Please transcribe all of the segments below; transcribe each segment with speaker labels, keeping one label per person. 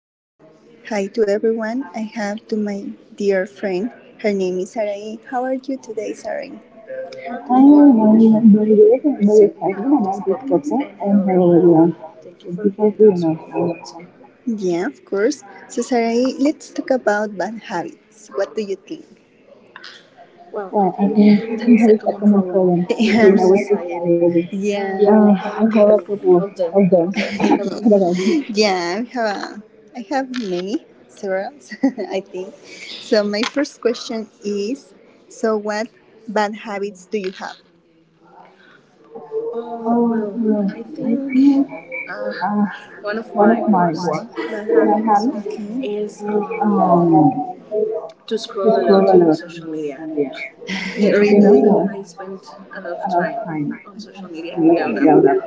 Speaker 1: Uh, Hi to everyone. I have to my dear friend. Her name is Sarai. How are you today, Sarai? Hi,
Speaker 2: Hello,
Speaker 1: I'm
Speaker 2: how I'm very
Speaker 1: really
Speaker 2: good. I very
Speaker 1: excited
Speaker 2: excited
Speaker 1: about this
Speaker 2: about this
Speaker 1: podcast
Speaker 2: podcast.
Speaker 1: and
Speaker 2: And
Speaker 1: hello
Speaker 2: hello,
Speaker 1: everyone.
Speaker 2: everyone.
Speaker 1: Thank you
Speaker 2: Thank you
Speaker 1: for
Speaker 2: for
Speaker 1: hearing
Speaker 2: hearing
Speaker 1: us
Speaker 2: us all at
Speaker 1: once
Speaker 2: once.
Speaker 1: again. Yeah, of course. So, Sarai, let's talk about bad habits. What do you think? Well, I
Speaker 2: Well, I
Speaker 1: think
Speaker 2: think
Speaker 1: that is
Speaker 2: that
Speaker 1: a
Speaker 2: is a
Speaker 1: common
Speaker 2: common
Speaker 1: problem
Speaker 2: problem
Speaker 1: in, yeah,
Speaker 2: here
Speaker 1: our, yeah,
Speaker 2: in our
Speaker 1: society.
Speaker 2: society.
Speaker 1: Yeah, and I
Speaker 2: I
Speaker 1: have
Speaker 2: have a couple
Speaker 1: of them.
Speaker 2: of them. What about you?
Speaker 1: Yeah, I have a, I have many, several, I think. So my first question is, so what bad habits do you have?
Speaker 2: Oh,
Speaker 1: Well, I
Speaker 2: well, I
Speaker 1: think
Speaker 2: think
Speaker 1: uh,
Speaker 2: uh,
Speaker 1: one of
Speaker 2: one of
Speaker 1: my
Speaker 2: my
Speaker 1: worst
Speaker 2: worst
Speaker 1: bad
Speaker 2: bad
Speaker 1: habits,
Speaker 2: habits
Speaker 1: okay, is
Speaker 2: is
Speaker 1: to scroll
Speaker 2: just
Speaker 1: a
Speaker 2: Tusitwala
Speaker 1: lot in
Speaker 2: leo
Speaker 1: social media.
Speaker 2: tunaongea.
Speaker 1: It really.
Speaker 2: Then I was
Speaker 1: I spend a lot of
Speaker 2: enough
Speaker 1: time
Speaker 2: time
Speaker 1: on social media
Speaker 2: we
Speaker 1: without a
Speaker 2: ended up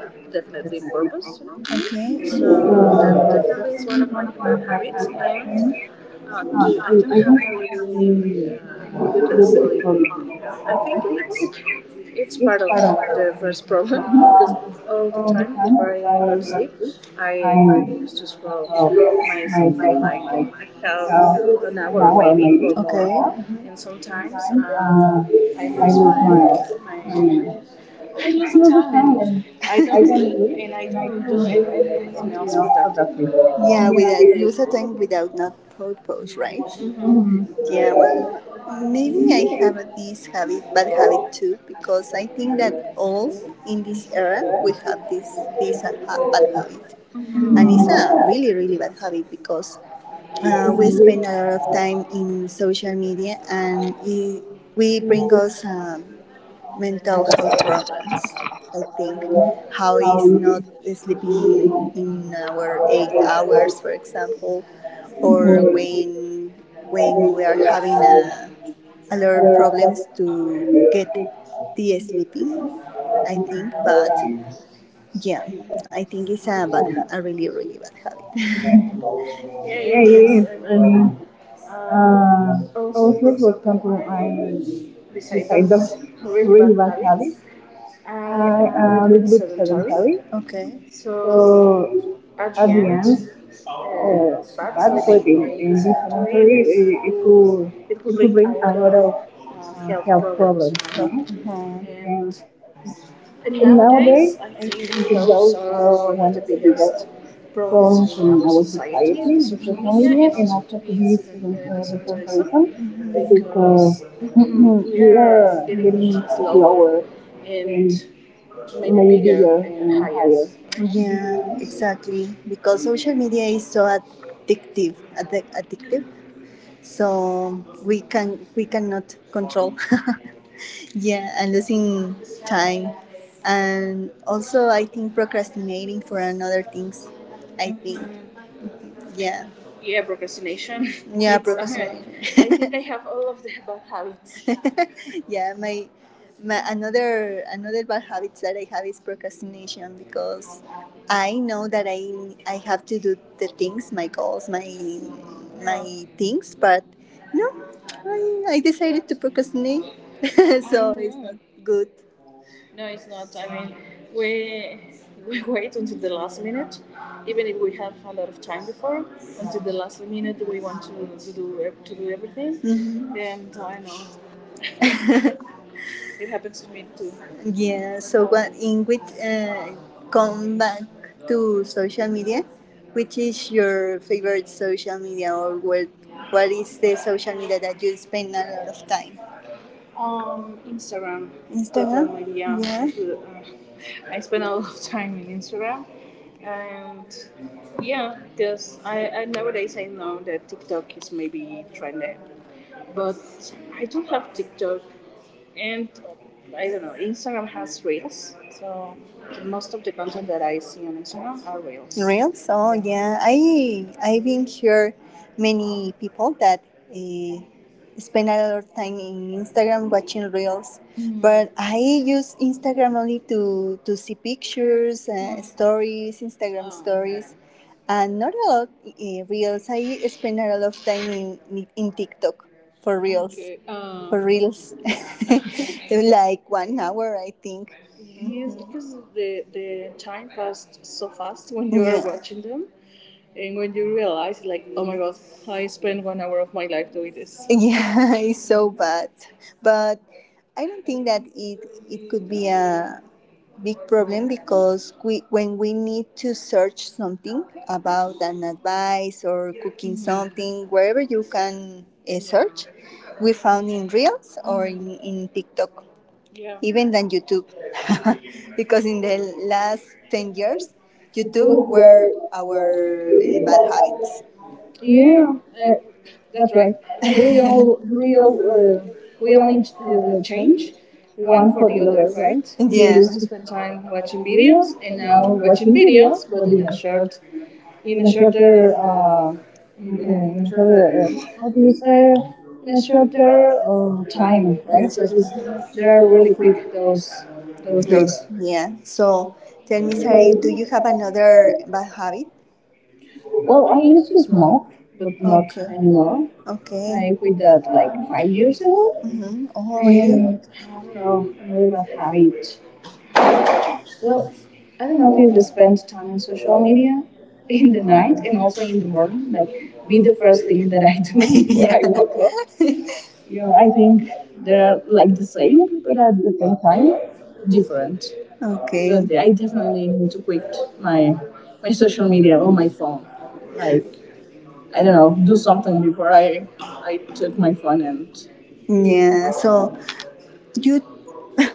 Speaker 2: that
Speaker 1: definitely
Speaker 2: my people.
Speaker 1: purpose, you know. Okay. So
Speaker 2: So
Speaker 1: that
Speaker 2: that's
Speaker 1: definitely is one
Speaker 2: definitely
Speaker 1: of
Speaker 2: one
Speaker 1: my
Speaker 2: of my
Speaker 1: bad
Speaker 2: bad
Speaker 1: habits,
Speaker 2: habits.
Speaker 1: and
Speaker 2: And
Speaker 1: I don't
Speaker 2: I
Speaker 1: have
Speaker 2: don't
Speaker 1: a
Speaker 2: have
Speaker 1: really
Speaker 2: any
Speaker 1: uh, good
Speaker 2: good
Speaker 1: sleeping.
Speaker 2: astrology.
Speaker 1: I
Speaker 2: I
Speaker 1: think
Speaker 2: think
Speaker 1: it's
Speaker 2: it's
Speaker 1: it's
Speaker 2: it's
Speaker 1: part of
Speaker 2: part of
Speaker 1: the
Speaker 2: the
Speaker 1: first problem
Speaker 2: problem.
Speaker 1: because
Speaker 2: Because
Speaker 1: all the
Speaker 2: all the
Speaker 1: time
Speaker 2: time,
Speaker 1: before
Speaker 2: if I
Speaker 1: I go to
Speaker 2: want
Speaker 1: sleep,
Speaker 2: to, I
Speaker 1: I used to
Speaker 2: just
Speaker 1: scroll myself cell
Speaker 2: myself
Speaker 1: phone
Speaker 2: on
Speaker 1: like
Speaker 2: my uh,
Speaker 1: half an
Speaker 2: an
Speaker 1: hour
Speaker 2: hour
Speaker 1: maybe or,
Speaker 2: maybe
Speaker 1: okay,
Speaker 2: or
Speaker 1: more.
Speaker 2: more.
Speaker 1: Mm-hmm. And sometimes
Speaker 2: Sometimes
Speaker 1: I
Speaker 2: I
Speaker 1: lose
Speaker 2: lose
Speaker 1: my,
Speaker 2: my my
Speaker 1: I
Speaker 2: I
Speaker 1: lose the
Speaker 2: lose the
Speaker 1: time
Speaker 2: time
Speaker 1: and
Speaker 2: and
Speaker 1: I
Speaker 2: I
Speaker 1: don't
Speaker 2: don't
Speaker 1: sleep
Speaker 2: read
Speaker 1: and I
Speaker 2: and I
Speaker 1: don't do
Speaker 2: don't do
Speaker 1: anything
Speaker 2: anything
Speaker 1: else
Speaker 2: else
Speaker 1: productive.
Speaker 2: productive.
Speaker 1: Yeah,
Speaker 2: Yeah,
Speaker 1: we
Speaker 2: we are.
Speaker 1: lose the time without not purpose, right? Mm-hmm.
Speaker 2: Hmm. Hmm.
Speaker 1: Yeah, well, maybe I
Speaker 2: Yay.
Speaker 1: have this habit, bad habit too, because I think that all in this era we have this bad habit, and
Speaker 2: Mhm.
Speaker 1: it's a really really bad habit because
Speaker 2: Uh,
Speaker 1: we spend a lot of time in social media, and it, we bring us mental health problems. I think
Speaker 2: with
Speaker 1: how
Speaker 2: how
Speaker 1: is not sleeping in our eight
Speaker 2: you
Speaker 1: hours, for example, or
Speaker 2: Yeah, it
Speaker 1: when we are having a lot of problems to get the sleeping. I think, but yeah, I think it's a bad, a really really bad habit. Yeah, it is.
Speaker 2: is.
Speaker 1: I
Speaker 2: I
Speaker 1: mean,
Speaker 2: mean,
Speaker 1: uh,
Speaker 2: uh,
Speaker 1: also,
Speaker 2: also,
Speaker 1: for
Speaker 2: for
Speaker 1: example,
Speaker 2: example, I,
Speaker 1: besides
Speaker 2: besides those
Speaker 1: those really
Speaker 2: really
Speaker 1: bad
Speaker 2: bad habits,
Speaker 1: habits,
Speaker 2: I
Speaker 1: I am
Speaker 2: am
Speaker 1: a
Speaker 2: a
Speaker 1: little
Speaker 2: little bit
Speaker 1: bit sedentary.
Speaker 2: sedentary.
Speaker 1: Okay. So
Speaker 2: So at
Speaker 1: at the
Speaker 2: the end,
Speaker 1: end,
Speaker 2: uh, bad
Speaker 1: but
Speaker 2: sleeping and
Speaker 1: maybe
Speaker 2: this
Speaker 1: sedentary,
Speaker 2: mentally it could
Speaker 1: it could
Speaker 2: bring
Speaker 1: bring a
Speaker 2: a lot
Speaker 1: lot of
Speaker 2: of
Speaker 1: health
Speaker 2: health problems,
Speaker 1: problems,
Speaker 2: you
Speaker 1: you know.
Speaker 2: know.
Speaker 1: Oh, mhm.
Speaker 2: And,
Speaker 1: And
Speaker 2: and nowadays,
Speaker 1: nowadays, I
Speaker 2: I
Speaker 1: think
Speaker 2: think those
Speaker 1: those are
Speaker 2: are
Speaker 1: one
Speaker 2: one of
Speaker 1: of the
Speaker 2: the biggest
Speaker 1: biggest
Speaker 2: problems
Speaker 1: problems
Speaker 2: in
Speaker 1: in
Speaker 2: our society,
Speaker 1: society,
Speaker 2: the social
Speaker 1: social media,
Speaker 2: media, and also to be
Speaker 1: the
Speaker 2: the sedentarism,
Speaker 1: sedentarism, mm-hmm.
Speaker 2: because
Speaker 1: Because we
Speaker 2: we
Speaker 1: are
Speaker 2: are
Speaker 1: getting
Speaker 2: getting
Speaker 1: slower
Speaker 2: slower and
Speaker 1: and
Speaker 2: maybe
Speaker 1: bigger
Speaker 2: bigger
Speaker 1: and
Speaker 2: and
Speaker 1: higher.
Speaker 2: higher,
Speaker 1: Right? Yeah,
Speaker 2: right?
Speaker 1: exactly. Because social media is so addictive. So we cannot control. Yeah, and losing time, and also I think procrastinating for another things. I think yeah. Yeah, procrastination. Yeah, it's- procrastination. Okay. I think I have all of the bad habits. Yeah, my another bad habit that I have is procrastination because I know that I have to do the things, my goals, my things, but no, I decided to procrastinate, so it's not good. No, it's not. I mean, we we wait until the last minute, even if we have a lot of time before. Until the last minute, we want to do to do everything. Mm-hmm. And I know it happens to me too. Yeah, so what in which come back to social media, which is your favorite social media or what is the social media that you spend a lot of time? Instagram. Instagram? Definitely, yeah. Yeah. I spend a lot of time in Instagram, and yeah, because I nowadays I know that TikTok is maybe trending, but I don't have TikTok and I don't know. Instagram has reels, so most of the content that I see on Instagram are reels. Reels? Oh yeah, I I've been here many people that uh, spend a lot of time in Instagram watching reels, mm-hmm, but I use Instagram only to see pictures, stories, Instagram, oh, stories. And not a lot, reels. I spend a lot of time in TikTok for reels. Okay. For reels. Like 1 hour, I think. Yes, because the time passed so fast when you are, yeah, watching them, and when you realize, like, oh my god, I spent 1 hour of my life doing this. Yeah, it's so bad. But I don't think that it could be a big problem because we, when we need to search something about an advice or cooking something, wherever you can search, we found in Reels or in TikTok, yeah, even than YouTube, because in the last ten
Speaker 2: These
Speaker 1: years, YouTube
Speaker 2: were
Speaker 1: were our bad
Speaker 2: our.
Speaker 1: habits. Yeah,
Speaker 2: Yeah,
Speaker 1: uh,
Speaker 2: uh, that's
Speaker 1: that's
Speaker 2: right.
Speaker 1: right.
Speaker 2: We
Speaker 1: We all,
Speaker 2: all we
Speaker 1: We all, uh,
Speaker 2: all, uh,
Speaker 1: we
Speaker 2: we
Speaker 1: only
Speaker 2: only
Speaker 1: ch- uh,
Speaker 2: change
Speaker 1: change one
Speaker 2: one
Speaker 1: for
Speaker 2: for
Speaker 1: the
Speaker 2: the
Speaker 1: other,
Speaker 2: other, right?
Speaker 1: right? We,
Speaker 2: We
Speaker 1: yeah, used
Speaker 2: used
Speaker 1: to
Speaker 2: to spend
Speaker 1: spend
Speaker 2: time
Speaker 1: time watching
Speaker 2: watching video
Speaker 1: videos, and
Speaker 2: and now
Speaker 1: now watching
Speaker 2: watching video,
Speaker 1: videos,
Speaker 2: but
Speaker 1: but in a shorter, in,
Speaker 2: in a shorter how do
Speaker 1: uh,
Speaker 2: you say
Speaker 1: in
Speaker 2: in
Speaker 1: a
Speaker 2: a
Speaker 1: short
Speaker 2: shorter
Speaker 1: time,
Speaker 2: time,
Speaker 1: right?
Speaker 2: right?
Speaker 1: Yes, so
Speaker 2: Because
Speaker 1: yes, it's-
Speaker 2: they
Speaker 1: they are
Speaker 2: are really
Speaker 1: really
Speaker 2: quick
Speaker 1: quick.
Speaker 2: those
Speaker 1: Those, Those
Speaker 2: reads.
Speaker 1: videos, yeah. So
Speaker 2: So
Speaker 1: tell me,
Speaker 2: anyway,
Speaker 1: Sari, do you have another bad habit?
Speaker 2: well, I used to smoke,
Speaker 1: But
Speaker 2: but not
Speaker 1: not, okay, anymore.
Speaker 2: anymore.
Speaker 1: Okay.
Speaker 2: I quit that like
Speaker 1: Like five
Speaker 2: 5 years
Speaker 1: years ago.
Speaker 2: ago.
Speaker 1: Mm-hmm. Oh, really?
Speaker 2: And
Speaker 1: I
Speaker 2: I
Speaker 1: don't
Speaker 2: don't
Speaker 1: know.
Speaker 2: know, I
Speaker 1: Another
Speaker 2: never got
Speaker 1: bad
Speaker 2: habit.
Speaker 1: habit. Well,
Speaker 2: Well,
Speaker 1: I
Speaker 2: I
Speaker 1: don't
Speaker 2: don't
Speaker 1: know
Speaker 2: know if
Speaker 1: if you
Speaker 2: you spend
Speaker 1: spend time
Speaker 2: time
Speaker 1: on
Speaker 2: on social
Speaker 1: social
Speaker 2: media
Speaker 1: media in
Speaker 2: in the
Speaker 1: the
Speaker 2: night
Speaker 1: night and
Speaker 2: and
Speaker 1: also
Speaker 2: also
Speaker 1: in
Speaker 2: in
Speaker 1: the
Speaker 2: the
Speaker 1: morning.
Speaker 2: morning.
Speaker 1: Like,
Speaker 2: Like,
Speaker 1: be
Speaker 2: be
Speaker 1: the
Speaker 2: the first
Speaker 1: first thing
Speaker 2: thing
Speaker 1: that
Speaker 2: that I
Speaker 1: I do
Speaker 2: do when I
Speaker 1: when I
Speaker 2: wake
Speaker 1: woke
Speaker 2: up.
Speaker 1: up.
Speaker 2: You
Speaker 1: Yeah,
Speaker 2: I
Speaker 1: I think
Speaker 2: think
Speaker 1: they're
Speaker 2: the like
Speaker 1: like
Speaker 2: the same, but at the same time
Speaker 1: time
Speaker 2: different.
Speaker 1: different. Okay.
Speaker 2: Because
Speaker 1: But I
Speaker 2: I
Speaker 1: definitely
Speaker 2: definitely
Speaker 1: need
Speaker 2: need
Speaker 1: to
Speaker 2: to quit
Speaker 1: quit
Speaker 2: my
Speaker 1: my my
Speaker 2: my
Speaker 1: social
Speaker 2: social media
Speaker 1: media or
Speaker 2: or
Speaker 1: my
Speaker 2: my phone.
Speaker 1: phone. Like,
Speaker 2: Like,
Speaker 1: I
Speaker 2: I
Speaker 1: don't
Speaker 2: don't
Speaker 1: know,
Speaker 2: know,
Speaker 1: do
Speaker 2: do
Speaker 1: something
Speaker 2: something
Speaker 1: before
Speaker 2: before I
Speaker 1: I took
Speaker 2: took
Speaker 1: my
Speaker 2: my
Speaker 1: phone
Speaker 2: phone and
Speaker 1: and, yeah. So you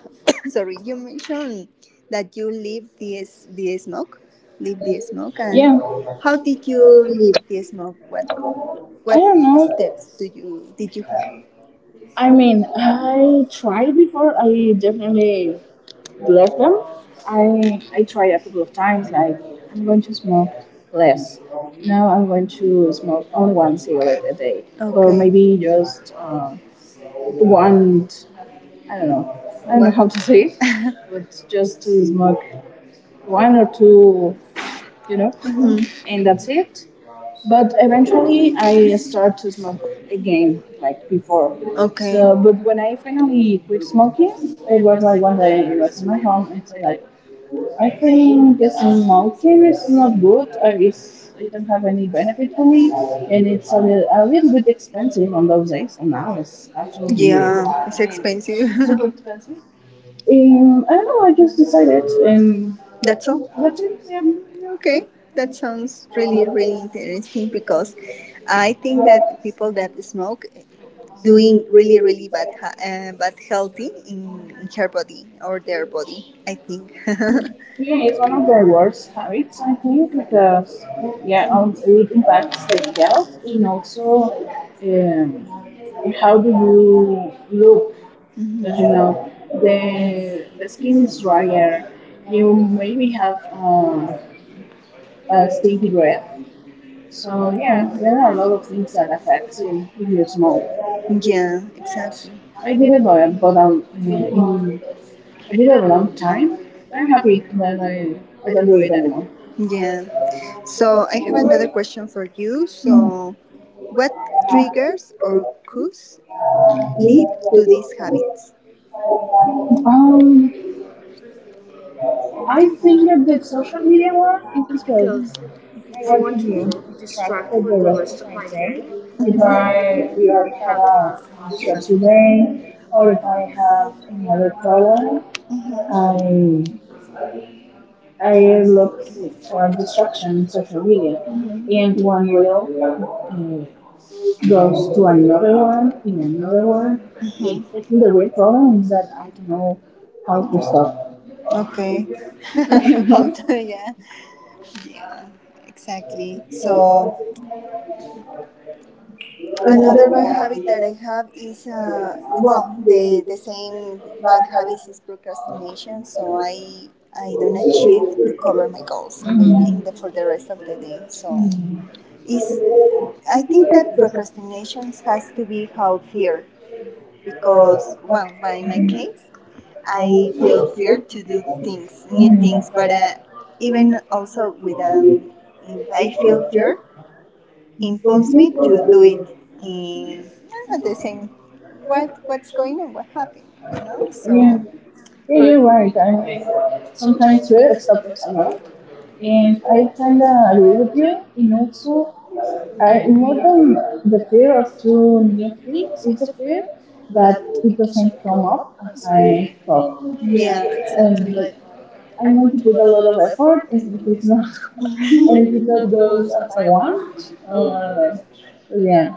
Speaker 1: sorry, you mentioned that you leave the smoke, leave the smoke, and,
Speaker 2: yeah.
Speaker 1: yeah, how did you leave the smoke? What I
Speaker 2: I
Speaker 1: what don't
Speaker 2: don't
Speaker 1: know
Speaker 2: know.
Speaker 1: steps do you did you have? I
Speaker 2: I mean,
Speaker 1: mean, I
Speaker 2: I try
Speaker 1: tried
Speaker 2: before.
Speaker 1: before.
Speaker 2: I
Speaker 1: I definitely
Speaker 2: definitely left
Speaker 1: left
Speaker 2: them.
Speaker 1: them.
Speaker 2: I I
Speaker 1: I
Speaker 2: try
Speaker 1: tried a
Speaker 2: a
Speaker 1: couple
Speaker 2: couple of
Speaker 1: of
Speaker 2: times.
Speaker 1: times. Like,
Speaker 2: Like
Speaker 1: I'm
Speaker 2: I'm
Speaker 1: going
Speaker 2: going
Speaker 1: to
Speaker 2: to smoke less.
Speaker 1: less
Speaker 2: Now
Speaker 1: now
Speaker 2: I'm going to smoke only one cigarette
Speaker 1: a
Speaker 2: a day,
Speaker 1: day, or,
Speaker 2: or
Speaker 1: okay,
Speaker 2: maybe
Speaker 1: maybe
Speaker 2: just
Speaker 1: just I don't
Speaker 2: one.
Speaker 1: know.
Speaker 2: I
Speaker 1: I
Speaker 2: don't
Speaker 1: don't
Speaker 2: know. I
Speaker 1: know
Speaker 2: don't
Speaker 1: what?
Speaker 2: know
Speaker 1: How
Speaker 2: how
Speaker 1: one to
Speaker 2: to say
Speaker 1: say
Speaker 2: it,
Speaker 1: it,
Speaker 2: but
Speaker 1: but
Speaker 2: just
Speaker 1: just
Speaker 2: to
Speaker 1: to smoke
Speaker 2: smoke
Speaker 1: one,
Speaker 2: one or two. You
Speaker 1: you know?
Speaker 2: know,
Speaker 1: Mm-hmm.
Speaker 2: and
Speaker 1: And
Speaker 2: that's
Speaker 1: that's
Speaker 2: it.
Speaker 1: it.
Speaker 2: But
Speaker 1: But
Speaker 2: eventually
Speaker 1: eventually I
Speaker 2: I started
Speaker 1: start to
Speaker 2: to
Speaker 1: smoke
Speaker 2: again,
Speaker 1: again,
Speaker 2: like
Speaker 1: like before.
Speaker 2: before.
Speaker 1: Okay. So,
Speaker 2: So, but
Speaker 1: but
Speaker 2: when
Speaker 1: when
Speaker 2: I
Speaker 1: I finally
Speaker 2: finally quit smoking, it was like one day I was in my home and
Speaker 1: say
Speaker 2: said
Speaker 1: like,
Speaker 2: like, I
Speaker 1: I
Speaker 2: think just
Speaker 1: just smoke
Speaker 2: smoking is not good.
Speaker 1: good,
Speaker 2: It,
Speaker 1: it's- I
Speaker 2: it don't
Speaker 1: don't
Speaker 2: have
Speaker 1: have
Speaker 2: any benefit for me, and
Speaker 1: and
Speaker 2: it's
Speaker 1: it's a,
Speaker 2: a
Speaker 1: a
Speaker 2: little
Speaker 1: little
Speaker 2: bit
Speaker 1: bit
Speaker 2: expensive
Speaker 1: expensive on
Speaker 2: on those
Speaker 1: those
Speaker 2: days.
Speaker 1: days.
Speaker 2: On now
Speaker 1: Now
Speaker 2: it's
Speaker 1: it's absolutely,
Speaker 2: absolutely
Speaker 1: yeah, it's expensive. Super
Speaker 2: super
Speaker 1: expensive.
Speaker 2: expensive. I
Speaker 1: I
Speaker 2: don't
Speaker 1: don't
Speaker 2: know,
Speaker 1: know.
Speaker 2: I
Speaker 1: I
Speaker 2: just
Speaker 1: just
Speaker 2: decided
Speaker 1: decided, and
Speaker 2: um, that
Speaker 1: that's all, that's
Speaker 2: nothing
Speaker 1: it. Yeah.
Speaker 2: really
Speaker 1: Okay,
Speaker 2: safe.
Speaker 1: that sounds
Speaker 2: I
Speaker 1: really, really interesting because
Speaker 2: think
Speaker 1: I think
Speaker 2: that.
Speaker 1: that people that smoke
Speaker 2: Really,
Speaker 1: doing
Speaker 2: really
Speaker 1: really, really bad,
Speaker 2: respect.
Speaker 1: but healthy in her body or their body. I think. Yeah,
Speaker 2: Yeah,
Speaker 1: it's
Speaker 2: it's
Speaker 1: one
Speaker 2: one of
Speaker 1: of the
Speaker 2: the worst
Speaker 1: worst
Speaker 2: habits,
Speaker 1: habits,
Speaker 2: I
Speaker 1: I
Speaker 2: think,
Speaker 1: think,
Speaker 2: because
Speaker 1: because yeah,
Speaker 2: yeah, it impacts
Speaker 1: that's
Speaker 2: your
Speaker 1: the
Speaker 2: health
Speaker 1: health and
Speaker 2: and
Speaker 1: also
Speaker 2: also
Speaker 1: uh,
Speaker 2: um, how do you look
Speaker 1: look
Speaker 2: that,
Speaker 1: as you
Speaker 2: you
Speaker 1: know,
Speaker 2: know the
Speaker 1: the
Speaker 2: the
Speaker 1: skin is
Speaker 2: things where
Speaker 1: drier.
Speaker 2: you
Speaker 1: You we
Speaker 2: maybe have
Speaker 1: have a sticky
Speaker 2: stinky
Speaker 1: breath.
Speaker 2: breath. So
Speaker 1: So
Speaker 2: yeah, there
Speaker 1: there
Speaker 2: are
Speaker 1: are
Speaker 2: a
Speaker 1: a lot
Speaker 2: lot
Speaker 1: of
Speaker 2: of things
Speaker 1: things
Speaker 2: that affect
Speaker 1: too.
Speaker 2: you if you smoke.
Speaker 1: Yeah, exactly. I
Speaker 2: I
Speaker 1: did,
Speaker 2: did it for
Speaker 1: but
Speaker 2: about a,
Speaker 1: in,
Speaker 2: mm,
Speaker 1: I
Speaker 2: I
Speaker 1: did
Speaker 2: did it
Speaker 1: it a
Speaker 2: a
Speaker 1: long
Speaker 2: long
Speaker 1: time,
Speaker 2: time.
Speaker 1: but I'm
Speaker 2: I'm happy
Speaker 1: happy
Speaker 2: that
Speaker 1: that
Speaker 2: I,
Speaker 1: I
Speaker 2: I
Speaker 1: don't
Speaker 2: don't do
Speaker 1: do
Speaker 2: it
Speaker 1: it anymore.
Speaker 2: anymore.
Speaker 1: Yeah. So I have another question for you. So, what triggers or cues lead to these habits?
Speaker 2: Um,
Speaker 1: Um,
Speaker 2: I
Speaker 1: I
Speaker 2: think
Speaker 1: think
Speaker 2: that
Speaker 1: that
Speaker 2: the
Speaker 1: the social
Speaker 2: social
Speaker 1: media
Speaker 2: media one
Speaker 1: one
Speaker 2: is
Speaker 1: is
Speaker 2: because
Speaker 1: because
Speaker 2: if I
Speaker 1: I
Speaker 2: want
Speaker 1: want
Speaker 2: to be
Speaker 1: to distract
Speaker 2: distracted
Speaker 1: for
Speaker 2: for
Speaker 1: the
Speaker 2: the rest
Speaker 1: rest
Speaker 2: of
Speaker 1: of my
Speaker 2: my day,
Speaker 1: day, mm-hmm,
Speaker 2: if
Speaker 1: if I
Speaker 2: I will
Speaker 1: either had
Speaker 2: have
Speaker 1: a
Speaker 2: a
Speaker 1: stressful
Speaker 2: stressful
Speaker 1: day
Speaker 2: day
Speaker 1: or
Speaker 2: or if
Speaker 1: if I
Speaker 2: I have
Speaker 1: have
Speaker 2: any
Speaker 1: any other
Speaker 2: other
Speaker 1: problem.
Speaker 2: problem,
Speaker 1: I,
Speaker 2: I I
Speaker 1: I
Speaker 2: look for
Speaker 1: for
Speaker 2: a distraction
Speaker 1: distraction in
Speaker 2: in
Speaker 1: social
Speaker 2: social
Speaker 1: media,
Speaker 2: media.
Speaker 1: mm-hmm,
Speaker 2: And
Speaker 1: and
Speaker 2: one
Speaker 1: one reel,
Speaker 2: reel
Speaker 1: uh,
Speaker 2: goes to another
Speaker 1: another
Speaker 2: one,
Speaker 1: one, and
Speaker 2: in another
Speaker 1: another one.
Speaker 2: one. And
Speaker 1: Mm-hmm. I
Speaker 2: I
Speaker 1: feel
Speaker 2: think the
Speaker 1: the reel
Speaker 2: real problem is that
Speaker 1: but I
Speaker 2: I
Speaker 1: don't
Speaker 2: don't
Speaker 1: know.
Speaker 2: know how to stop.
Speaker 1: Okay. How to, yeah. Yeah, exactly. So
Speaker 2: So another
Speaker 1: another bad
Speaker 2: one has
Speaker 1: habit that I
Speaker 2: Karenina
Speaker 1: have is, well,
Speaker 2: Wong, they
Speaker 1: the
Speaker 2: became
Speaker 1: same bad
Speaker 2: bad
Speaker 1: habits
Speaker 2: habits,
Speaker 1: is procrastination.
Speaker 2: and so
Speaker 1: So
Speaker 2: on.
Speaker 1: I don't
Speaker 2: And
Speaker 1: achieve to
Speaker 2: she
Speaker 1: cover
Speaker 2: recovered.
Speaker 1: my goals in
Speaker 2: Mm.
Speaker 1: in the for the rest of the day. So
Speaker 2: Mm.
Speaker 1: is
Speaker 2: I
Speaker 1: I
Speaker 2: think
Speaker 1: think
Speaker 2: that's
Speaker 1: that
Speaker 2: processing
Speaker 1: procrastination has to be how
Speaker 2: here
Speaker 1: fear
Speaker 2: because
Speaker 1: because well,
Speaker 2: well,
Speaker 1: but in my
Speaker 2: I
Speaker 1: case,
Speaker 2: I
Speaker 1: I feel
Speaker 2: feel fear
Speaker 1: fear
Speaker 2: to
Speaker 1: to
Speaker 2: do
Speaker 1: do
Speaker 2: things.
Speaker 1: things, new
Speaker 2: Mm.
Speaker 1: things,
Speaker 2: But
Speaker 1: but
Speaker 2: even
Speaker 1: even
Speaker 2: also
Speaker 1: also
Speaker 2: with
Speaker 1: with
Speaker 2: uh, I
Speaker 1: I feel
Speaker 2: feel fear.
Speaker 1: fear imposed me
Speaker 2: Complete or
Speaker 1: to do it
Speaker 2: the.
Speaker 1: in, yeah, the same what what's going on what happened you know so, yeah,
Speaker 2: Yeah, yeah, you're
Speaker 1: for-
Speaker 2: right. I mean, sometimes
Speaker 1: sometimes
Speaker 2: fear
Speaker 1: fear stops
Speaker 2: stops us
Speaker 1: us a
Speaker 2: a
Speaker 1: lot?
Speaker 2: lot,
Speaker 1: And
Speaker 2: and I
Speaker 1: I kind
Speaker 2: kinda
Speaker 1: of agree
Speaker 2: agree with
Speaker 1: with
Speaker 2: you.
Speaker 1: you. And
Speaker 2: And
Speaker 1: also,
Speaker 2: also, I
Speaker 1: I more
Speaker 2: more
Speaker 1: to
Speaker 2: than the fear
Speaker 1: fear of
Speaker 2: of doing new things
Speaker 1: things,
Speaker 2: is the
Speaker 1: fear
Speaker 2: fear that
Speaker 1: that
Speaker 2: it doesn't come
Speaker 1: come
Speaker 2: up
Speaker 1: up
Speaker 2: as
Speaker 1: as
Speaker 2: I
Speaker 1: I
Speaker 2: thought.
Speaker 1: thought, yeah, and exactly,
Speaker 2: And
Speaker 1: and like,
Speaker 2: like
Speaker 1: I
Speaker 2: I'm going
Speaker 1: want
Speaker 2: to put a
Speaker 1: a
Speaker 2: lot
Speaker 1: lot
Speaker 2: of
Speaker 1: of
Speaker 2: effort,
Speaker 1: effort.
Speaker 2: and
Speaker 1: And
Speaker 2: if
Speaker 1: if it's
Speaker 2: it's not,
Speaker 1: not, and
Speaker 2: and
Speaker 1: if
Speaker 2: if
Speaker 1: it
Speaker 2: it not
Speaker 1: not
Speaker 2: goes
Speaker 1: goes
Speaker 2: as
Speaker 1: as
Speaker 2: I
Speaker 1: I
Speaker 2: want,
Speaker 1: want,
Speaker 2: oh,
Speaker 1: oh,
Speaker 2: I
Speaker 1: I
Speaker 2: don't
Speaker 1: don't know.
Speaker 2: know. But
Speaker 1: But
Speaker 2: yeah,
Speaker 1: yeah,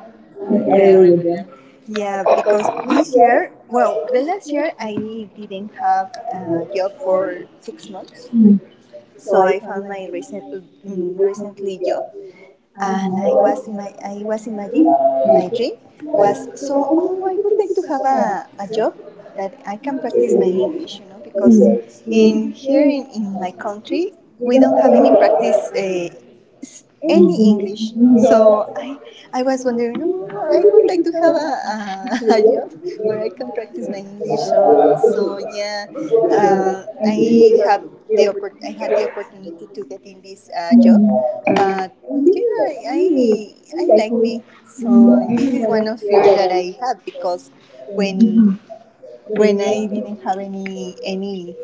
Speaker 1: I
Speaker 2: I
Speaker 1: agree, yeah,
Speaker 2: agree with
Speaker 1: with you.
Speaker 2: you.
Speaker 1: Yeah,
Speaker 2: Because
Speaker 1: because
Speaker 2: this
Speaker 1: this
Speaker 2: year,
Speaker 1: year, well,
Speaker 2: well,
Speaker 1: the
Speaker 2: this
Speaker 1: last
Speaker 2: year
Speaker 1: year
Speaker 2: I
Speaker 1: I
Speaker 2: didn't
Speaker 1: didn't have
Speaker 2: have uh,
Speaker 1: a job
Speaker 2: for-
Speaker 1: for 6 months,
Speaker 2: mm. So
Speaker 1: so
Speaker 2: I
Speaker 1: I
Speaker 2: found
Speaker 1: found
Speaker 2: my
Speaker 1: my recent,
Speaker 2: my
Speaker 1: mm,
Speaker 2: relationship
Speaker 1: recently
Speaker 2: job,
Speaker 1: job,
Speaker 2: and
Speaker 1: and
Speaker 2: I
Speaker 1: I
Speaker 2: was
Speaker 1: was in my I was imagining
Speaker 2: happy.
Speaker 1: my dream
Speaker 2: But
Speaker 1: was
Speaker 2: so I
Speaker 1: so oh I
Speaker 2: wanted
Speaker 1: would like
Speaker 2: to
Speaker 1: to
Speaker 2: have
Speaker 1: have a
Speaker 2: a job.
Speaker 1: job that I can practice my English, you know, because in
Speaker 2: Mm.
Speaker 1: here
Speaker 2: Here is
Speaker 1: in my country
Speaker 2: we
Speaker 1: we
Speaker 2: don't
Speaker 1: don't
Speaker 2: have
Speaker 1: have
Speaker 2: any
Speaker 1: any practice
Speaker 2: budget. Mm. So. And
Speaker 1: any English. So I was wondering, oh, I would like to have a job where I can practice my English. So yeah,
Speaker 2: then
Speaker 1: I
Speaker 2: they have
Speaker 1: have
Speaker 2: the
Speaker 1: I had the
Speaker 2: opportunity.
Speaker 1: opportunity to get in this job,
Speaker 2: Uh,
Speaker 1: but
Speaker 2: and this
Speaker 1: yeah,
Speaker 2: is
Speaker 1: I,
Speaker 2: like you.
Speaker 1: I
Speaker 2: I
Speaker 1: I
Speaker 2: like
Speaker 1: like
Speaker 2: you.
Speaker 1: me. So this
Speaker 2: Mm.
Speaker 1: is
Speaker 2: One
Speaker 1: one
Speaker 2: of
Speaker 1: of fear that
Speaker 2: the
Speaker 1: I have because
Speaker 2: that I.
Speaker 1: when
Speaker 2: When
Speaker 1: when I
Speaker 2: when
Speaker 1: didn't have any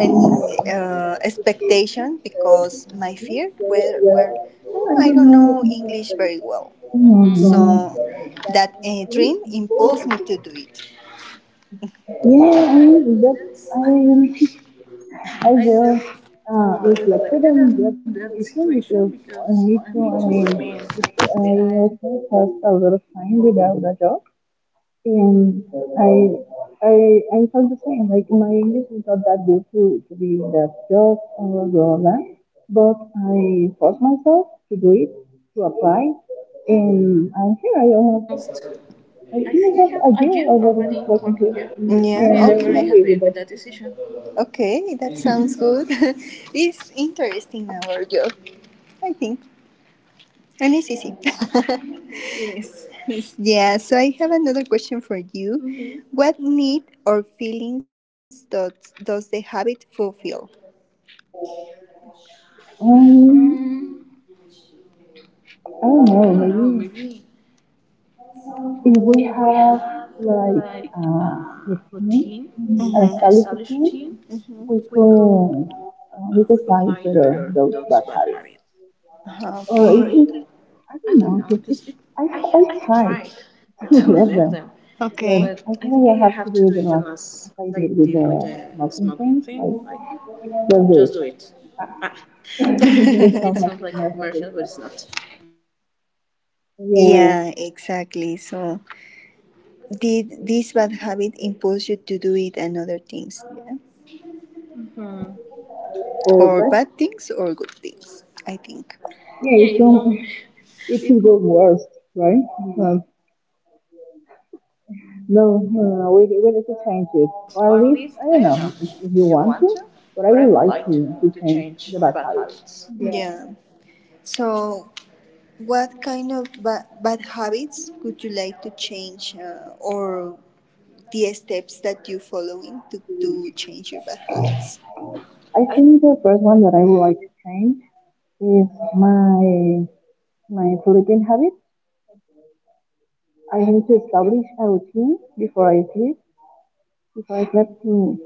Speaker 1: any expectation
Speaker 2: I was
Speaker 1: because
Speaker 2: my
Speaker 1: my
Speaker 2: kids,
Speaker 1: fear
Speaker 2: they
Speaker 1: were,
Speaker 2: were,
Speaker 1: were
Speaker 2: oh, I
Speaker 1: "Oh, I
Speaker 2: don't
Speaker 1: don't
Speaker 2: know,
Speaker 1: know
Speaker 2: English,
Speaker 1: English
Speaker 2: but.
Speaker 1: very well.
Speaker 2: So,
Speaker 1: So that dream imposed me to do it.
Speaker 2: yeah,
Speaker 1: Yes,
Speaker 2: I mean that I
Speaker 1: I,
Speaker 2: really I
Speaker 1: I
Speaker 2: will reflected on
Speaker 1: in
Speaker 2: that
Speaker 1: that
Speaker 2: situation
Speaker 1: situation.
Speaker 2: because
Speaker 1: So
Speaker 2: I
Speaker 1: I'm
Speaker 2: need to. I mean, I also passed a lot of time without a job, and I I I felt the same. Like my English is not that good to be in that job or blah that, but I forced myself to do it to apply, and I'm here.
Speaker 1: almost,
Speaker 2: I
Speaker 1: I
Speaker 2: think
Speaker 1: think,
Speaker 2: I have a
Speaker 1: a year
Speaker 2: year
Speaker 1: already
Speaker 2: already working
Speaker 1: working
Speaker 2: here,
Speaker 1: here. Yeah.
Speaker 2: and
Speaker 1: And okay,
Speaker 2: I'm
Speaker 1: I'm
Speaker 2: very
Speaker 1: very okay,
Speaker 2: happy
Speaker 1: happy
Speaker 2: with
Speaker 1: with
Speaker 2: that
Speaker 1: that
Speaker 2: decision.
Speaker 1: decision. Okay, that sounds good. It's interesting, our job, I think. Let me see. See. Yes. Yeah, so I have another question for you. Mhm. What need or feelings does the habit fulfill? Um,
Speaker 2: Um, I don't
Speaker 1: I
Speaker 2: know. Maybe if we have like
Speaker 1: like
Speaker 2: uh, a team,
Speaker 1: routine.
Speaker 2: an
Speaker 1: Mm-hmm. A
Speaker 2: established team,
Speaker 1: routine. We
Speaker 2: we could
Speaker 1: could
Speaker 2: uh, we could find
Speaker 1: it better,
Speaker 2: better those bad habits.
Speaker 1: or okay.
Speaker 2: Or
Speaker 1: Or
Speaker 2: if
Speaker 1: it-
Speaker 2: it's
Speaker 1: I
Speaker 2: I
Speaker 1: don't
Speaker 2: don't
Speaker 1: know,
Speaker 2: know, just
Speaker 1: because
Speaker 2: it, I
Speaker 1: I
Speaker 2: I
Speaker 1: I tried
Speaker 2: tried to
Speaker 1: to, uh-huh, leave
Speaker 2: let
Speaker 1: them.
Speaker 2: them,
Speaker 1: Okay.
Speaker 2: but
Speaker 1: But
Speaker 2: I
Speaker 1: I think
Speaker 2: think I have to do it the last as I
Speaker 1: I
Speaker 2: did
Speaker 1: did
Speaker 2: with
Speaker 1: with
Speaker 2: the smoking thing.
Speaker 1: smoking. Like,
Speaker 2: Like just do it.
Speaker 1: ah,
Speaker 2: It
Speaker 1: it sounds
Speaker 2: sounds like
Speaker 1: like a
Speaker 2: a commercial,
Speaker 1: commercial, but
Speaker 2: but
Speaker 1: it's
Speaker 2: it's not.
Speaker 1: not.
Speaker 2: Yeah,
Speaker 1: Yeah, exactly. So did this bad habit impulse you to do it and other things? Yeah.
Speaker 2: or
Speaker 1: Or
Speaker 2: but.
Speaker 1: bad things or good things, I think.
Speaker 2: Yeah, it's so.
Speaker 1: So,
Speaker 2: It could go worse, right? Um, no, no, no, no, we need to change it. Or at
Speaker 1: at
Speaker 2: least,
Speaker 1: least
Speaker 2: I
Speaker 1: I
Speaker 2: don't
Speaker 1: don't
Speaker 2: know,
Speaker 1: know.
Speaker 2: if you
Speaker 1: You
Speaker 2: want to,
Speaker 1: want to?
Speaker 2: but I would
Speaker 1: You
Speaker 2: like
Speaker 1: like
Speaker 2: to
Speaker 1: to
Speaker 2: change the
Speaker 1: change the
Speaker 2: bad
Speaker 1: bad
Speaker 2: habits.
Speaker 1: habits. Yeah. So what kind of bad habits would you like to change, or the steps that you following to change your bad habits?
Speaker 2: I think the first one that I would like to change is my, my sleeping habit. I need to establish a routine before I sleep, before I sleep to,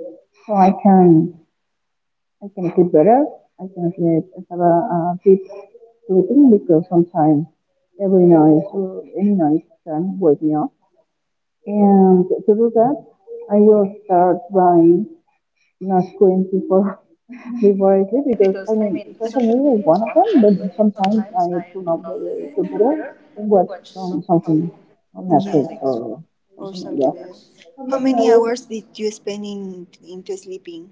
Speaker 2: so I can, sleep better. I can sleep, I have a deep sleeping because sometimes every night, or any night can wake me up. And to do that, I will start by not going before before I sleep because I
Speaker 1: Because I
Speaker 2: mean
Speaker 1: mean
Speaker 2: social
Speaker 1: social
Speaker 2: media is
Speaker 1: media is
Speaker 2: one of
Speaker 1: one of
Speaker 2: them, but
Speaker 1: them, but
Speaker 2: sometimes I
Speaker 1: sometimes I
Speaker 2: turn
Speaker 1: turn
Speaker 2: off the
Speaker 1: off the
Speaker 2: computer
Speaker 1: computer,
Speaker 2: and watch
Speaker 1: watch some
Speaker 2: something
Speaker 1: something,
Speaker 2: on
Speaker 1: on, yeah,
Speaker 2: Netflix
Speaker 1: Netflix. or
Speaker 2: or
Speaker 1: Or
Speaker 2: something like
Speaker 1: something
Speaker 2: that.
Speaker 1: something else. Else. How many hours did you spend in into sleeping?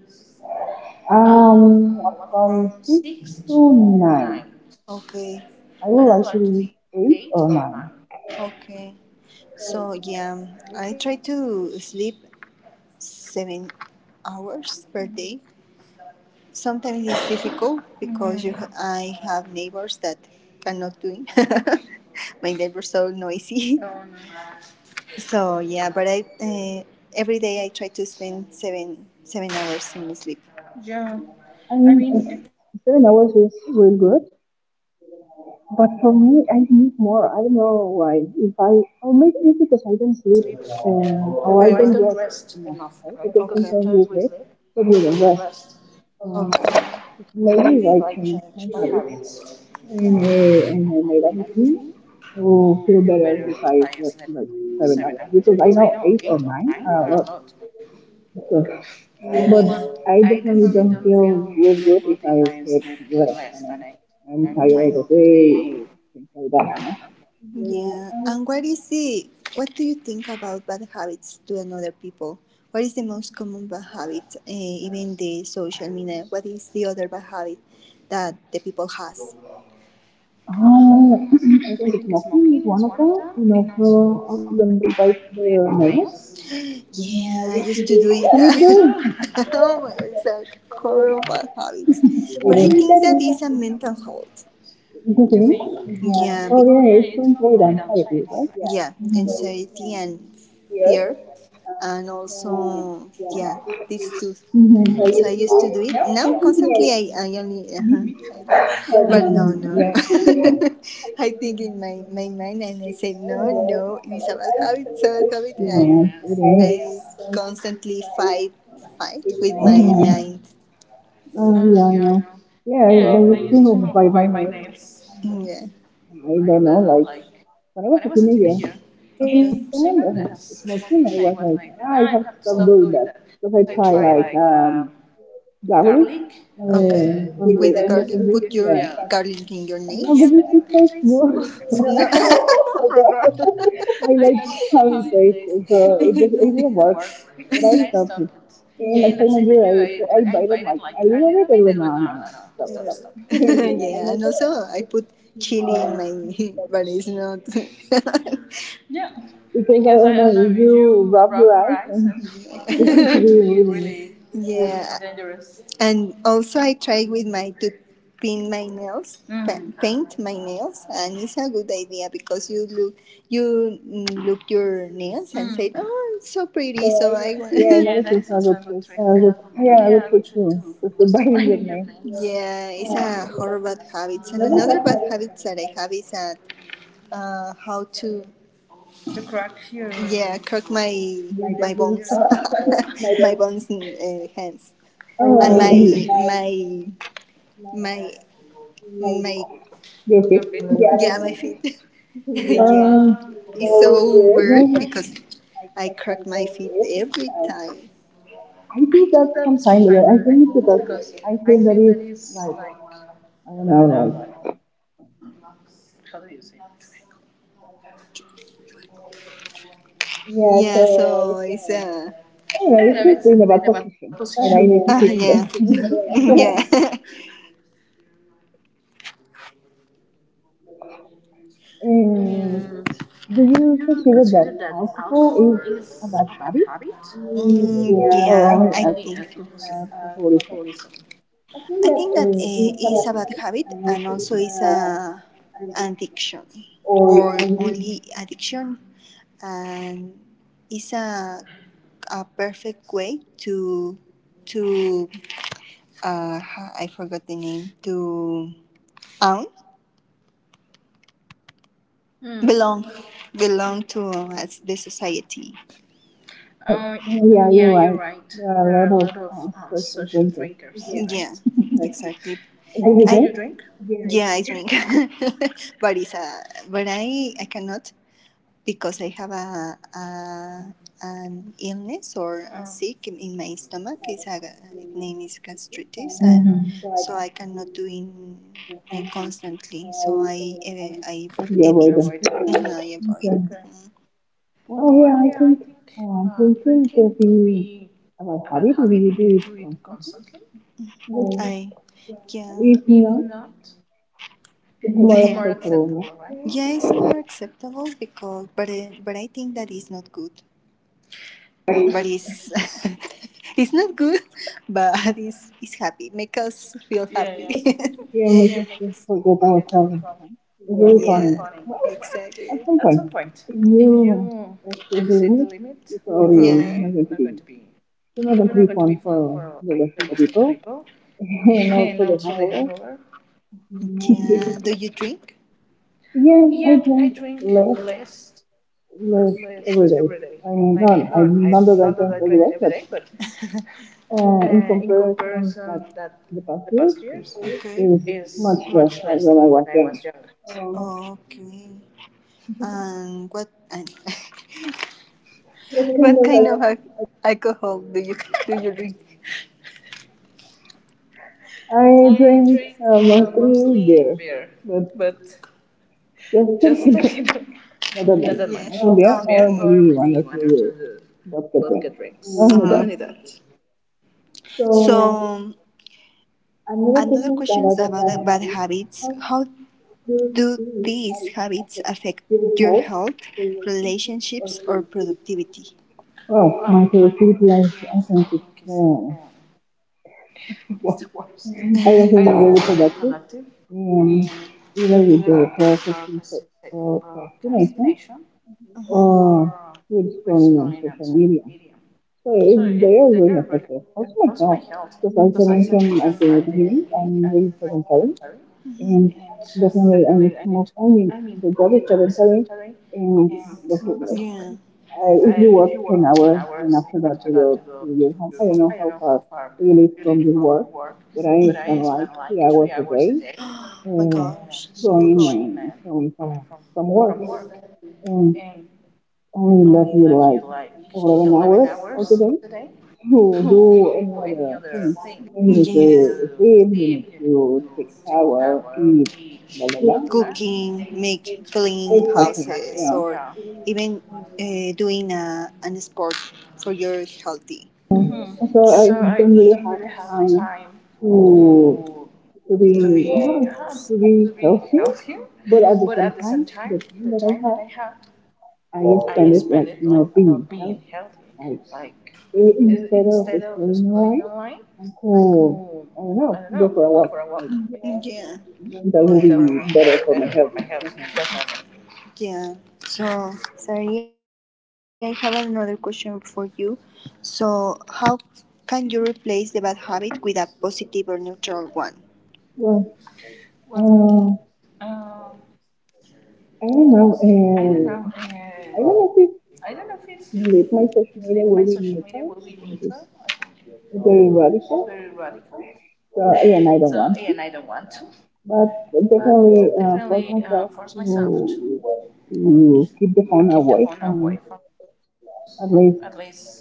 Speaker 2: Um, from six
Speaker 1: Six
Speaker 2: to
Speaker 1: to
Speaker 2: nine.
Speaker 1: nine. Okay.
Speaker 2: I would like to be eight or
Speaker 1: Or
Speaker 2: nine.
Speaker 1: nine. Okay. So yeah, I try to sleep 7 hours per day. Sometimes it's difficult because I have neighbors that cannot do it. My neighbors are so noisy. Oh, no. So yeah, but I, every day I try to spend seven hours in my sleep. Yeah.
Speaker 2: I
Speaker 1: I mean, if,
Speaker 2: mean, 7 hours is really good, but for me, I need more. I don't know why. If I, or maybe it's because I don't sleep
Speaker 1: very
Speaker 2: or I
Speaker 1: well,
Speaker 2: don't rest
Speaker 1: it's
Speaker 2: enough,
Speaker 1: enough,
Speaker 2: right?
Speaker 1: right?
Speaker 2: Because sometimes we sleep, but we don't rest. Uh,
Speaker 1: Okay.
Speaker 2: maybe
Speaker 1: Maybe
Speaker 2: if I change my
Speaker 1: my
Speaker 2: habits
Speaker 1: habits.
Speaker 2: and I made a routine to feel better if I slept like
Speaker 1: Seven,
Speaker 2: 7 hours. Because I know eight or
Speaker 1: nine.
Speaker 2: nine are a lot.
Speaker 1: Oh, good.
Speaker 2: Because,
Speaker 1: Yeah.
Speaker 2: but
Speaker 1: But
Speaker 2: I
Speaker 1: I
Speaker 2: definitely don't feel
Speaker 1: do
Speaker 2: real good
Speaker 1: good
Speaker 2: if
Speaker 1: if
Speaker 2: I
Speaker 1: I sleep
Speaker 2: sleep less
Speaker 1: less
Speaker 2: and
Speaker 1: than
Speaker 2: I'm,
Speaker 1: eight.
Speaker 2: I'm
Speaker 1: I'm
Speaker 2: tired
Speaker 1: tired
Speaker 2: all
Speaker 1: all
Speaker 2: the
Speaker 1: the
Speaker 2: day
Speaker 1: day.
Speaker 2: or things like
Speaker 1: Like that.
Speaker 2: that.
Speaker 1: Huh? Yeah. And what is the what do you think about bad habits to another people? What is the most common bad habit, even the social media? What is the other bad habit that the people has? Um,
Speaker 2: Oh,
Speaker 1: I
Speaker 2: I think
Speaker 1: think
Speaker 2: it's
Speaker 1: smoking
Speaker 2: mocking
Speaker 1: is
Speaker 2: is
Speaker 1: one
Speaker 2: one
Speaker 1: of
Speaker 2: of
Speaker 1: them,
Speaker 2: them,
Speaker 1: and
Speaker 2: and
Speaker 1: also
Speaker 2: also
Speaker 1: when
Speaker 2: when they
Speaker 1: they
Speaker 2: bite
Speaker 1: bite
Speaker 2: their
Speaker 1: their
Speaker 2: nails.
Speaker 1: nails. Yeah, I used to do it. Me
Speaker 2: Me too.
Speaker 1: too. Oh my, it's a horrible bad habit. But I
Speaker 2: It
Speaker 1: think that is a
Speaker 2: is.
Speaker 1: mental health. Do you
Speaker 2: The thing?
Speaker 1: think? Yeah, be-
Speaker 2: Oh yeah, it's to avoid anxiety, right?
Speaker 1: yeah,
Speaker 2: Mm-hmm.
Speaker 1: anxiety and fear, and also yeah, these 2.
Speaker 2: Mm-hmm.
Speaker 1: So I used
Speaker 2: Yeah,
Speaker 1: to do it now constantly, I only I do. But no, no, no.
Speaker 2: it
Speaker 1: I think in my mind and I say no, no, it is a bad habit, it's a bad habit, and
Speaker 2: is.
Speaker 1: I constantly fight with my mind,
Speaker 2: Mhm. Yeah, I know. Yeah, they used to bite my nails.
Speaker 1: yeah,
Speaker 2: I don't know, like when I was a
Speaker 1: it in a year.
Speaker 2: teenager
Speaker 1: Okay.
Speaker 2: in
Speaker 1: And same
Speaker 2: Finland as
Speaker 1: as
Speaker 2: a small
Speaker 1: smoking,
Speaker 2: teen,
Speaker 1: I
Speaker 2: I
Speaker 1: was
Speaker 2: was
Speaker 1: like,
Speaker 2: like,
Speaker 1: ah,
Speaker 2: ah, I
Speaker 1: I have
Speaker 2: have
Speaker 1: to
Speaker 2: to
Speaker 1: stop
Speaker 2: stop
Speaker 1: doing
Speaker 2: doing
Speaker 1: that.
Speaker 2: that.
Speaker 1: Because
Speaker 2: Because
Speaker 1: I
Speaker 2: I try
Speaker 1: try like
Speaker 2: like garlic
Speaker 1: garlic. Okay.
Speaker 2: on
Speaker 1: With the
Speaker 2: the
Speaker 1: garlic, put
Speaker 2: sandwich.
Speaker 1: your,
Speaker 2: Yeah,
Speaker 1: yeah, garlic in your nails.
Speaker 2: yeah,
Speaker 1: Yeah,
Speaker 2: but
Speaker 1: but
Speaker 2: it,
Speaker 1: it,
Speaker 2: it
Speaker 1: it
Speaker 2: tastes
Speaker 1: tastes good.
Speaker 2: good.
Speaker 1: No, my God.
Speaker 2: I
Speaker 1: I
Speaker 2: like
Speaker 1: love
Speaker 2: how
Speaker 1: how
Speaker 2: it
Speaker 1: it
Speaker 2: tastes, so
Speaker 1: tastes, so
Speaker 2: it
Speaker 1: it
Speaker 2: didn't
Speaker 1: didn't
Speaker 2: work.
Speaker 1: work.
Speaker 2: But I
Speaker 1: I
Speaker 2: stopped
Speaker 1: stopped
Speaker 2: it.
Speaker 1: it.
Speaker 2: In
Speaker 1: Yeah.
Speaker 2: the
Speaker 1: And that
Speaker 2: same
Speaker 1: same I
Speaker 2: year,
Speaker 1: knew
Speaker 2: I I
Speaker 1: I
Speaker 2: bite it
Speaker 1: invited
Speaker 2: like
Speaker 1: like
Speaker 2: a
Speaker 1: a
Speaker 2: little
Speaker 1: little
Speaker 2: bit,
Speaker 1: bit,
Speaker 2: and went
Speaker 1: and went,
Speaker 2: no, no,
Speaker 1: no, no,
Speaker 2: no, stop,
Speaker 1: no,
Speaker 2: stop.
Speaker 1: stop, yeah, stop.
Speaker 2: Yeah,
Speaker 1: Yeah, and
Speaker 2: and
Speaker 1: also I put chili in
Speaker 2: also,
Speaker 1: my, but it's not. Yeah,
Speaker 2: because I
Speaker 1: because
Speaker 2: don't
Speaker 1: I,
Speaker 2: know, if you rub your eyes
Speaker 1: rice,
Speaker 2: and
Speaker 1: and
Speaker 2: it could
Speaker 1: it
Speaker 2: be
Speaker 1: could be
Speaker 2: really.
Speaker 1: really, yeah, dangerous. And also I try with my to paint my nails. Mm. Paint my nails, and it's a good idea because you look, you, mm, look your nails, mm, and, mm, say, oh, it's so
Speaker 2: So
Speaker 1: pretty, so
Speaker 2: I
Speaker 1: I
Speaker 2: guess.
Speaker 1: want.
Speaker 2: Yeah, and that
Speaker 1: Yeah,
Speaker 2: is
Speaker 1: and
Speaker 2: also a good trick. Good, yeah, a good trick too.
Speaker 1: too.
Speaker 2: Just to biting your
Speaker 1: Biting your
Speaker 2: neck.
Speaker 1: nails. Yeah, it's a horrible habit. And another bad habit that I have is that, how to crack your, yeah, crack my bones, my bones and hands.
Speaker 2: Oh,
Speaker 1: And
Speaker 2: my, my,
Speaker 1: my my
Speaker 2: your feet.
Speaker 1: yeah,
Speaker 2: Yeah, my
Speaker 1: my
Speaker 2: feet.
Speaker 1: feet.
Speaker 2: Yeah.
Speaker 1: Yeah, it's so
Speaker 2: So weird.
Speaker 1: weird
Speaker 2: Yes.
Speaker 1: because
Speaker 2: I
Speaker 1: I
Speaker 2: cut
Speaker 1: crack my
Speaker 2: my
Speaker 1: feet
Speaker 2: whole tail.
Speaker 1: every
Speaker 2: So
Speaker 1: time
Speaker 2: I
Speaker 1: I
Speaker 2: do
Speaker 1: do
Speaker 2: that
Speaker 1: that.
Speaker 2: sometimes, but I think it's because I
Speaker 1: I
Speaker 2: feel
Speaker 1: think
Speaker 2: that it's
Speaker 1: it's like
Speaker 2: like, I don't
Speaker 1: I
Speaker 2: know,
Speaker 1: don't
Speaker 2: like.
Speaker 1: know. How do you say it?
Speaker 2: Yeah,
Speaker 1: Yeah, so
Speaker 2: so it's,
Speaker 1: it's,
Speaker 2: I
Speaker 1: I
Speaker 2: don't
Speaker 1: don't
Speaker 2: know,
Speaker 1: know.
Speaker 2: it's
Speaker 1: It's
Speaker 2: just in
Speaker 1: in
Speaker 2: a
Speaker 1: a
Speaker 2: bad
Speaker 1: bad
Speaker 2: position.
Speaker 1: position. Ah,
Speaker 2: And I
Speaker 1: I,
Speaker 2: need
Speaker 1: yeah,
Speaker 2: to fix
Speaker 1: fix
Speaker 2: that.
Speaker 1: it, yeah.
Speaker 2: yeah.
Speaker 1: And
Speaker 2: And do
Speaker 1: do
Speaker 2: you
Speaker 1: you
Speaker 2: consider that
Speaker 1: consider
Speaker 2: alcohol
Speaker 1: alcohol
Speaker 2: is
Speaker 1: as
Speaker 2: a
Speaker 1: a
Speaker 2: bad
Speaker 1: bad
Speaker 2: habit?
Speaker 1: habit?
Speaker 2: Mm,
Speaker 1: Mm,
Speaker 2: yeah,
Speaker 1: yeah, or
Speaker 2: or
Speaker 1: I only
Speaker 2: only
Speaker 1: think
Speaker 2: alcohol,
Speaker 1: alcoholism? Alcoholism?
Speaker 2: alcoholism? I
Speaker 1: I
Speaker 2: think
Speaker 1: think
Speaker 2: that
Speaker 1: that is
Speaker 2: it's a
Speaker 1: a
Speaker 2: bad
Speaker 1: bad
Speaker 2: habit
Speaker 1: habit
Speaker 2: and
Speaker 1: and
Speaker 2: also
Speaker 1: also it's
Speaker 2: it's a
Speaker 1: a, an
Speaker 2: an
Speaker 1: addiction, or only addiction, and it's a perfect way to, uh, I forgot the name, to own, hmm, belong, belong to as the society.
Speaker 2: addiction.
Speaker 1: Uh, mm,
Speaker 2: Yeah, you're right.
Speaker 1: there
Speaker 2: There are
Speaker 1: are
Speaker 2: a
Speaker 1: lots
Speaker 2: lot
Speaker 1: of
Speaker 2: of
Speaker 1: social,
Speaker 2: social drinkers.
Speaker 1: right? Yeah, exactly. Do
Speaker 2: Do
Speaker 1: I Did
Speaker 2: you
Speaker 1: you
Speaker 2: drink?
Speaker 1: drink? Yeah, I drink, but it's a, but I cannot because I have a an illness or a, oh, sick in my stomach. It's a, its name is gastritis, and hmm,
Speaker 2: Mm-hmm.
Speaker 1: so I cannot do in constantly. So I, eh, I
Speaker 2: You
Speaker 1: evit.
Speaker 2: avoid
Speaker 1: Yeah.
Speaker 2: them.
Speaker 1: Mhm, I avoid.
Speaker 2: Okay. Well,
Speaker 1: Well,
Speaker 2: yeah, I think
Speaker 1: uh,
Speaker 2: drinking could be a bad
Speaker 1: about
Speaker 2: habit if you do it constantly.
Speaker 1: something. But I,
Speaker 2: But
Speaker 1: yeah,
Speaker 2: if
Speaker 1: if
Speaker 2: not,
Speaker 1: not.
Speaker 2: it's
Speaker 1: It's
Speaker 2: more
Speaker 1: more
Speaker 2: accessible,
Speaker 1: acceptable,
Speaker 2: right?
Speaker 1: right? Yeah, it's more acceptable because, but I think that is not good. But it's it's not good, but it's happy. Make us feel, yeah, happy, yeah.
Speaker 2: Yeah, and we
Speaker 1: Yeah,
Speaker 2: just
Speaker 1: make us
Speaker 2: put your dollar
Speaker 1: forget our
Speaker 2: problem.
Speaker 1: problem.
Speaker 2: It's
Speaker 1: It's
Speaker 2: very
Speaker 1: very, yeah,
Speaker 2: funny.
Speaker 1: funny,
Speaker 2: At
Speaker 1: exactly.
Speaker 2: some
Speaker 1: At
Speaker 2: point,
Speaker 1: some point,
Speaker 2: if
Speaker 1: if
Speaker 2: you
Speaker 1: you, uh,
Speaker 2: actually
Speaker 1: the
Speaker 2: believe
Speaker 1: limit,
Speaker 2: it's already
Speaker 1: yeah,
Speaker 2: not going to
Speaker 1: probably
Speaker 2: be,
Speaker 1: to be
Speaker 2: it's not going to be fun for
Speaker 1: for
Speaker 2: the rest
Speaker 1: the
Speaker 2: of the
Speaker 1: rest of the
Speaker 2: people,
Speaker 1: people,
Speaker 2: and
Speaker 1: and
Speaker 2: also the
Speaker 1: also the
Speaker 2: hangover.
Speaker 1: hangover, yeah. Do you drink?
Speaker 2: Yeah,
Speaker 1: Yeah,
Speaker 2: I
Speaker 1: I
Speaker 2: drink
Speaker 1: think
Speaker 2: less,
Speaker 1: less,
Speaker 2: less
Speaker 1: less.
Speaker 2: every day. I
Speaker 1: I mean,
Speaker 2: mean, not, not that
Speaker 1: I
Speaker 2: I drink
Speaker 1: drink the,
Speaker 2: every day, but
Speaker 1: and
Speaker 2: in comparison that
Speaker 1: that
Speaker 2: the
Speaker 1: the
Speaker 2: past
Speaker 1: past
Speaker 2: years,
Speaker 1: years, okay,
Speaker 2: is
Speaker 1: is
Speaker 2: much
Speaker 1: much.
Speaker 2: less than when I was young.
Speaker 1: Okay. And what, and
Speaker 2: That
Speaker 1: what
Speaker 2: kind
Speaker 1: kind
Speaker 2: of
Speaker 1: of
Speaker 2: has
Speaker 1: alcohol do you, do you drink?
Speaker 2: I drink
Speaker 1: Um,
Speaker 2: mostly beer,
Speaker 1: but
Speaker 2: but just
Speaker 1: just a little,
Speaker 2: not
Speaker 1: not
Speaker 2: that
Speaker 1: that, yeah,
Speaker 2: much.
Speaker 1: much.
Speaker 2: Only
Speaker 1: Okay. Beer.
Speaker 2: beer
Speaker 1: Okay. Or
Speaker 2: or maybe
Speaker 1: maybe
Speaker 2: one or two beers. Vodka
Speaker 1: vodka.
Speaker 2: drink.
Speaker 1: Only
Speaker 2: Only that.
Speaker 1: that. So another questions about bad habits. How, do these habits affect your health, relationships, or productivity? Wow.
Speaker 2: Well, my productivity, I think it's, I
Speaker 1: Mhm.
Speaker 2: don't think we're really productive. Um, Either with the processing
Speaker 1: I broadcast.
Speaker 2: procrastination
Speaker 1: Oh,
Speaker 2: or with scrolling on social media. So it,
Speaker 1: sorry.
Speaker 2: they are really effective. Also myself, because as I mentioned at the beginning, I'm really sedentary
Speaker 1: Mhm. And
Speaker 2: and
Speaker 1: just,
Speaker 2: definitely I need to move. I mean, the job is sedentary, and definitely,
Speaker 1: yeah.
Speaker 2: I,
Speaker 1: I,
Speaker 2: if you work 10 hours and after that you go to your home, I don't know how far you live from your work,
Speaker 1: but
Speaker 2: but
Speaker 1: I,
Speaker 2: I spend like 3 hours a day
Speaker 1: oh my
Speaker 2: uh,
Speaker 1: gosh, so much.
Speaker 2: going and going from work, and only
Speaker 1: Only
Speaker 2: left you
Speaker 1: like
Speaker 2: like
Speaker 1: 11
Speaker 2: 11 hours of the day to do any
Speaker 1: other
Speaker 2: other
Speaker 1: thing.
Speaker 2: thing.
Speaker 1: Yeah. You
Speaker 2: You
Speaker 1: need,
Speaker 2: need
Speaker 1: yeah, to
Speaker 2: to sleep,
Speaker 1: sleep,
Speaker 2: you
Speaker 1: you
Speaker 2: need
Speaker 1: need to
Speaker 2: to take
Speaker 1: take
Speaker 2: a
Speaker 1: a
Speaker 2: shower,
Speaker 1: shower,
Speaker 2: eat,
Speaker 1: eat,
Speaker 2: blah blah
Speaker 1: blah, blah, blah.
Speaker 2: blah.
Speaker 1: Cooking, blah. Make clean
Speaker 2: Exactly,
Speaker 1: houses, exactly,
Speaker 2: yeah.
Speaker 1: or yeah. Even doing a, an sport for your healthy. Mhm.
Speaker 2: So I
Speaker 1: So I
Speaker 2: don't really
Speaker 1: don't
Speaker 2: have
Speaker 1: really have
Speaker 2: time
Speaker 1: time to
Speaker 2: to
Speaker 1: to do, be,
Speaker 2: be not to be healthy,
Speaker 1: mm-hmm, but
Speaker 2: but at the same time,
Speaker 1: the
Speaker 2: the
Speaker 1: time
Speaker 2: time that
Speaker 1: that
Speaker 2: I have, I
Speaker 1: I
Speaker 2: spend it like not
Speaker 1: am
Speaker 2: being healthy.
Speaker 1: healthy,
Speaker 2: Like
Speaker 1: like is
Speaker 2: instead of scrolling away, I
Speaker 1: my
Speaker 2: could I
Speaker 1: I don't
Speaker 2: don't
Speaker 1: know.
Speaker 2: know go for a walk. Like
Speaker 1: Yeah. Going
Speaker 2: that
Speaker 1: better
Speaker 2: will be better for
Speaker 1: for
Speaker 2: my
Speaker 1: my
Speaker 2: health.
Speaker 1: health.
Speaker 2: Definitely.
Speaker 1: Definitely. Yeah. So, sorry, I have another question for you. So, how can you replace the bad habit with a positive or neutral one?
Speaker 2: Well,
Speaker 1: Well,
Speaker 2: uh,
Speaker 1: um,
Speaker 2: I don't know.
Speaker 1: uh,
Speaker 2: I don't know if
Speaker 1: therapy is
Speaker 2: really my social
Speaker 1: my
Speaker 2: media
Speaker 1: social
Speaker 2: will be neutral. I
Speaker 1: circle.
Speaker 2: think
Speaker 1: I
Speaker 2: it's
Speaker 1: think it's
Speaker 2: very
Speaker 1: very
Speaker 2: radical
Speaker 1: radical.
Speaker 2: and
Speaker 1: So,
Speaker 2: I
Speaker 1: yeah,
Speaker 2: don't
Speaker 1: and I
Speaker 2: want
Speaker 1: don't
Speaker 2: to,
Speaker 1: want to,
Speaker 2: but
Speaker 1: but
Speaker 2: definitely
Speaker 1: definitely
Speaker 2: force
Speaker 1: force
Speaker 2: myself
Speaker 1: myself to
Speaker 2: to keep the phone
Speaker 1: the phone
Speaker 2: away
Speaker 1: away
Speaker 2: from
Speaker 1: from me,
Speaker 2: at least
Speaker 1: at least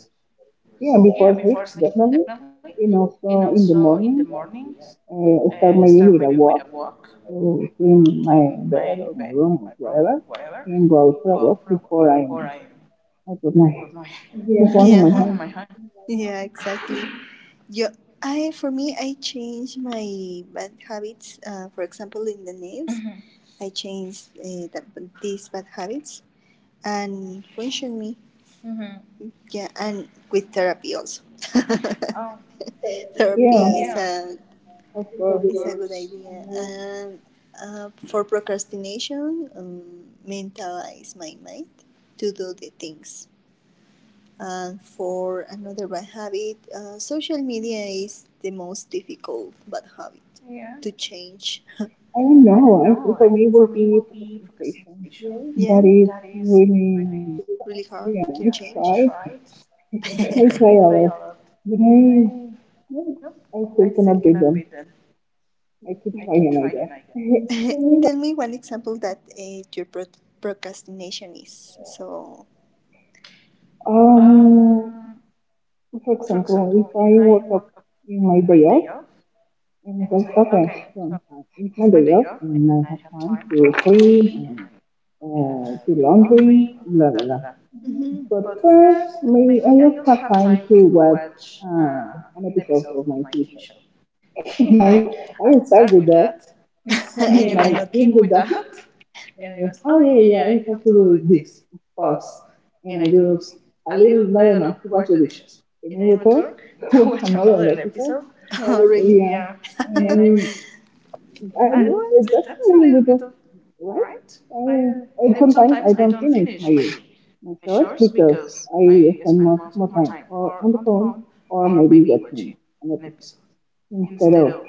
Speaker 2: yeah before sleep
Speaker 1: firstly,
Speaker 2: definitely,
Speaker 1: definitely,
Speaker 2: and
Speaker 1: you
Speaker 2: also
Speaker 1: know,
Speaker 2: in the morning
Speaker 1: mornings,
Speaker 2: start my day with a
Speaker 1: a
Speaker 2: walk,
Speaker 1: walk,
Speaker 2: so clean my
Speaker 1: in my
Speaker 2: bed or
Speaker 1: bed
Speaker 2: my room
Speaker 1: or my
Speaker 2: or
Speaker 1: room or
Speaker 2: whatever,
Speaker 1: whatever,
Speaker 2: and go out
Speaker 1: and
Speaker 2: for
Speaker 1: go
Speaker 2: a
Speaker 1: out
Speaker 2: walk
Speaker 1: for a walk
Speaker 2: before
Speaker 1: before I
Speaker 2: I put
Speaker 1: I
Speaker 2: my
Speaker 1: put my phone,
Speaker 2: yeah. The phone in my
Speaker 1: yeah, in
Speaker 2: hand.
Speaker 1: my hand. Yeah, exactly. Yo, I for me, I change my bad habits. For example, in the nails, mhm, I changed the, these bad habits and function me. Mhm. Yeah, and with therapy also. Oh,
Speaker 2: Yeah,
Speaker 1: therapy is, yeah, a of, it's a good course, idea. And for procrastination, mentalize my mind to do the things. And for another bad habit, social media is the most difficult bad habit, yeah, to change.
Speaker 2: I don't know. I
Speaker 1: No,
Speaker 2: think for
Speaker 1: I
Speaker 2: me it will be
Speaker 1: will be
Speaker 2: procrastination.
Speaker 1: procrastination.
Speaker 2: That
Speaker 1: Yeah,
Speaker 2: is
Speaker 1: that is
Speaker 2: really
Speaker 1: really really hard
Speaker 2: yeah,
Speaker 1: to, yeah, change. I change. Tried.
Speaker 2: I try
Speaker 1: Try a
Speaker 2: others.
Speaker 1: lot.
Speaker 2: But
Speaker 1: I, nope.
Speaker 2: I still
Speaker 1: I still
Speaker 2: cannot beat
Speaker 1: cannot beat
Speaker 2: them.
Speaker 1: that.
Speaker 2: I could
Speaker 1: I
Speaker 2: try
Speaker 1: keep
Speaker 2: him, I
Speaker 1: trying, I
Speaker 2: guess.
Speaker 1: guess. Tell me one example that your procrastination is. So, Um,
Speaker 2: Um, for
Speaker 1: for
Speaker 2: example,
Speaker 1: example,
Speaker 2: if
Speaker 1: if
Speaker 2: I
Speaker 1: I
Speaker 2: woke
Speaker 1: woke
Speaker 2: up
Speaker 1: up
Speaker 2: in
Speaker 1: in
Speaker 2: my
Speaker 1: my
Speaker 2: day
Speaker 1: day off
Speaker 2: off, and
Speaker 1: and
Speaker 2: it's
Speaker 1: it's
Speaker 2: like,
Speaker 1: like,
Speaker 2: okay,
Speaker 1: okay, so
Speaker 2: so it's my
Speaker 1: it's my
Speaker 2: day
Speaker 1: day
Speaker 2: off,
Speaker 1: off.
Speaker 2: and I have time to clean
Speaker 1: Uh,
Speaker 2: and do laundry, blah, blah,
Speaker 1: blah,
Speaker 2: blah.
Speaker 1: blah. Mhm.
Speaker 2: But
Speaker 1: But
Speaker 2: first,
Speaker 1: first,
Speaker 2: maybe I just have time to watch
Speaker 1: watch
Speaker 2: an episode of my
Speaker 1: my
Speaker 2: TV
Speaker 1: TV
Speaker 2: show.
Speaker 1: show.
Speaker 2: and
Speaker 1: And
Speaker 2: I
Speaker 1: I
Speaker 2: start
Speaker 1: start
Speaker 2: with
Speaker 1: with
Speaker 2: that,
Speaker 1: and you
Speaker 2: and I
Speaker 1: and I
Speaker 2: keep
Speaker 1: keep
Speaker 2: with
Speaker 1: with
Speaker 2: that.
Speaker 1: that and
Speaker 2: And,
Speaker 1: I
Speaker 2: oh, yeah, yeah, I have to do this. Pause.
Speaker 1: pause,
Speaker 2: And I do a little, I don't know, what to
Speaker 1: the
Speaker 2: do.
Speaker 1: dishes.
Speaker 2: And
Speaker 1: And
Speaker 2: I
Speaker 1: I
Speaker 2: go
Speaker 1: returned
Speaker 2: to
Speaker 1: to
Speaker 2: watch
Speaker 1: watch
Speaker 2: another
Speaker 1: another
Speaker 2: episode.
Speaker 1: episode. Oh, really?
Speaker 2: Yeah.
Speaker 1: Yeah.
Speaker 2: And I
Speaker 1: And I
Speaker 2: mean,
Speaker 1: mean,
Speaker 2: I,
Speaker 1: I, what?
Speaker 2: that's a little bit of, right?
Speaker 1: Right?
Speaker 2: I
Speaker 1: Uh,
Speaker 2: sometimes I don't finish
Speaker 1: finish my
Speaker 2: my, my shows because
Speaker 1: because
Speaker 2: I spend most of my
Speaker 1: more
Speaker 2: time
Speaker 1: time
Speaker 2: or
Speaker 1: or
Speaker 2: on the
Speaker 1: on the
Speaker 2: phone
Speaker 1: phone
Speaker 2: or maybe watching an
Speaker 1: an
Speaker 2: episode
Speaker 1: episode
Speaker 2: instead
Speaker 1: instead
Speaker 2: of,
Speaker 1: of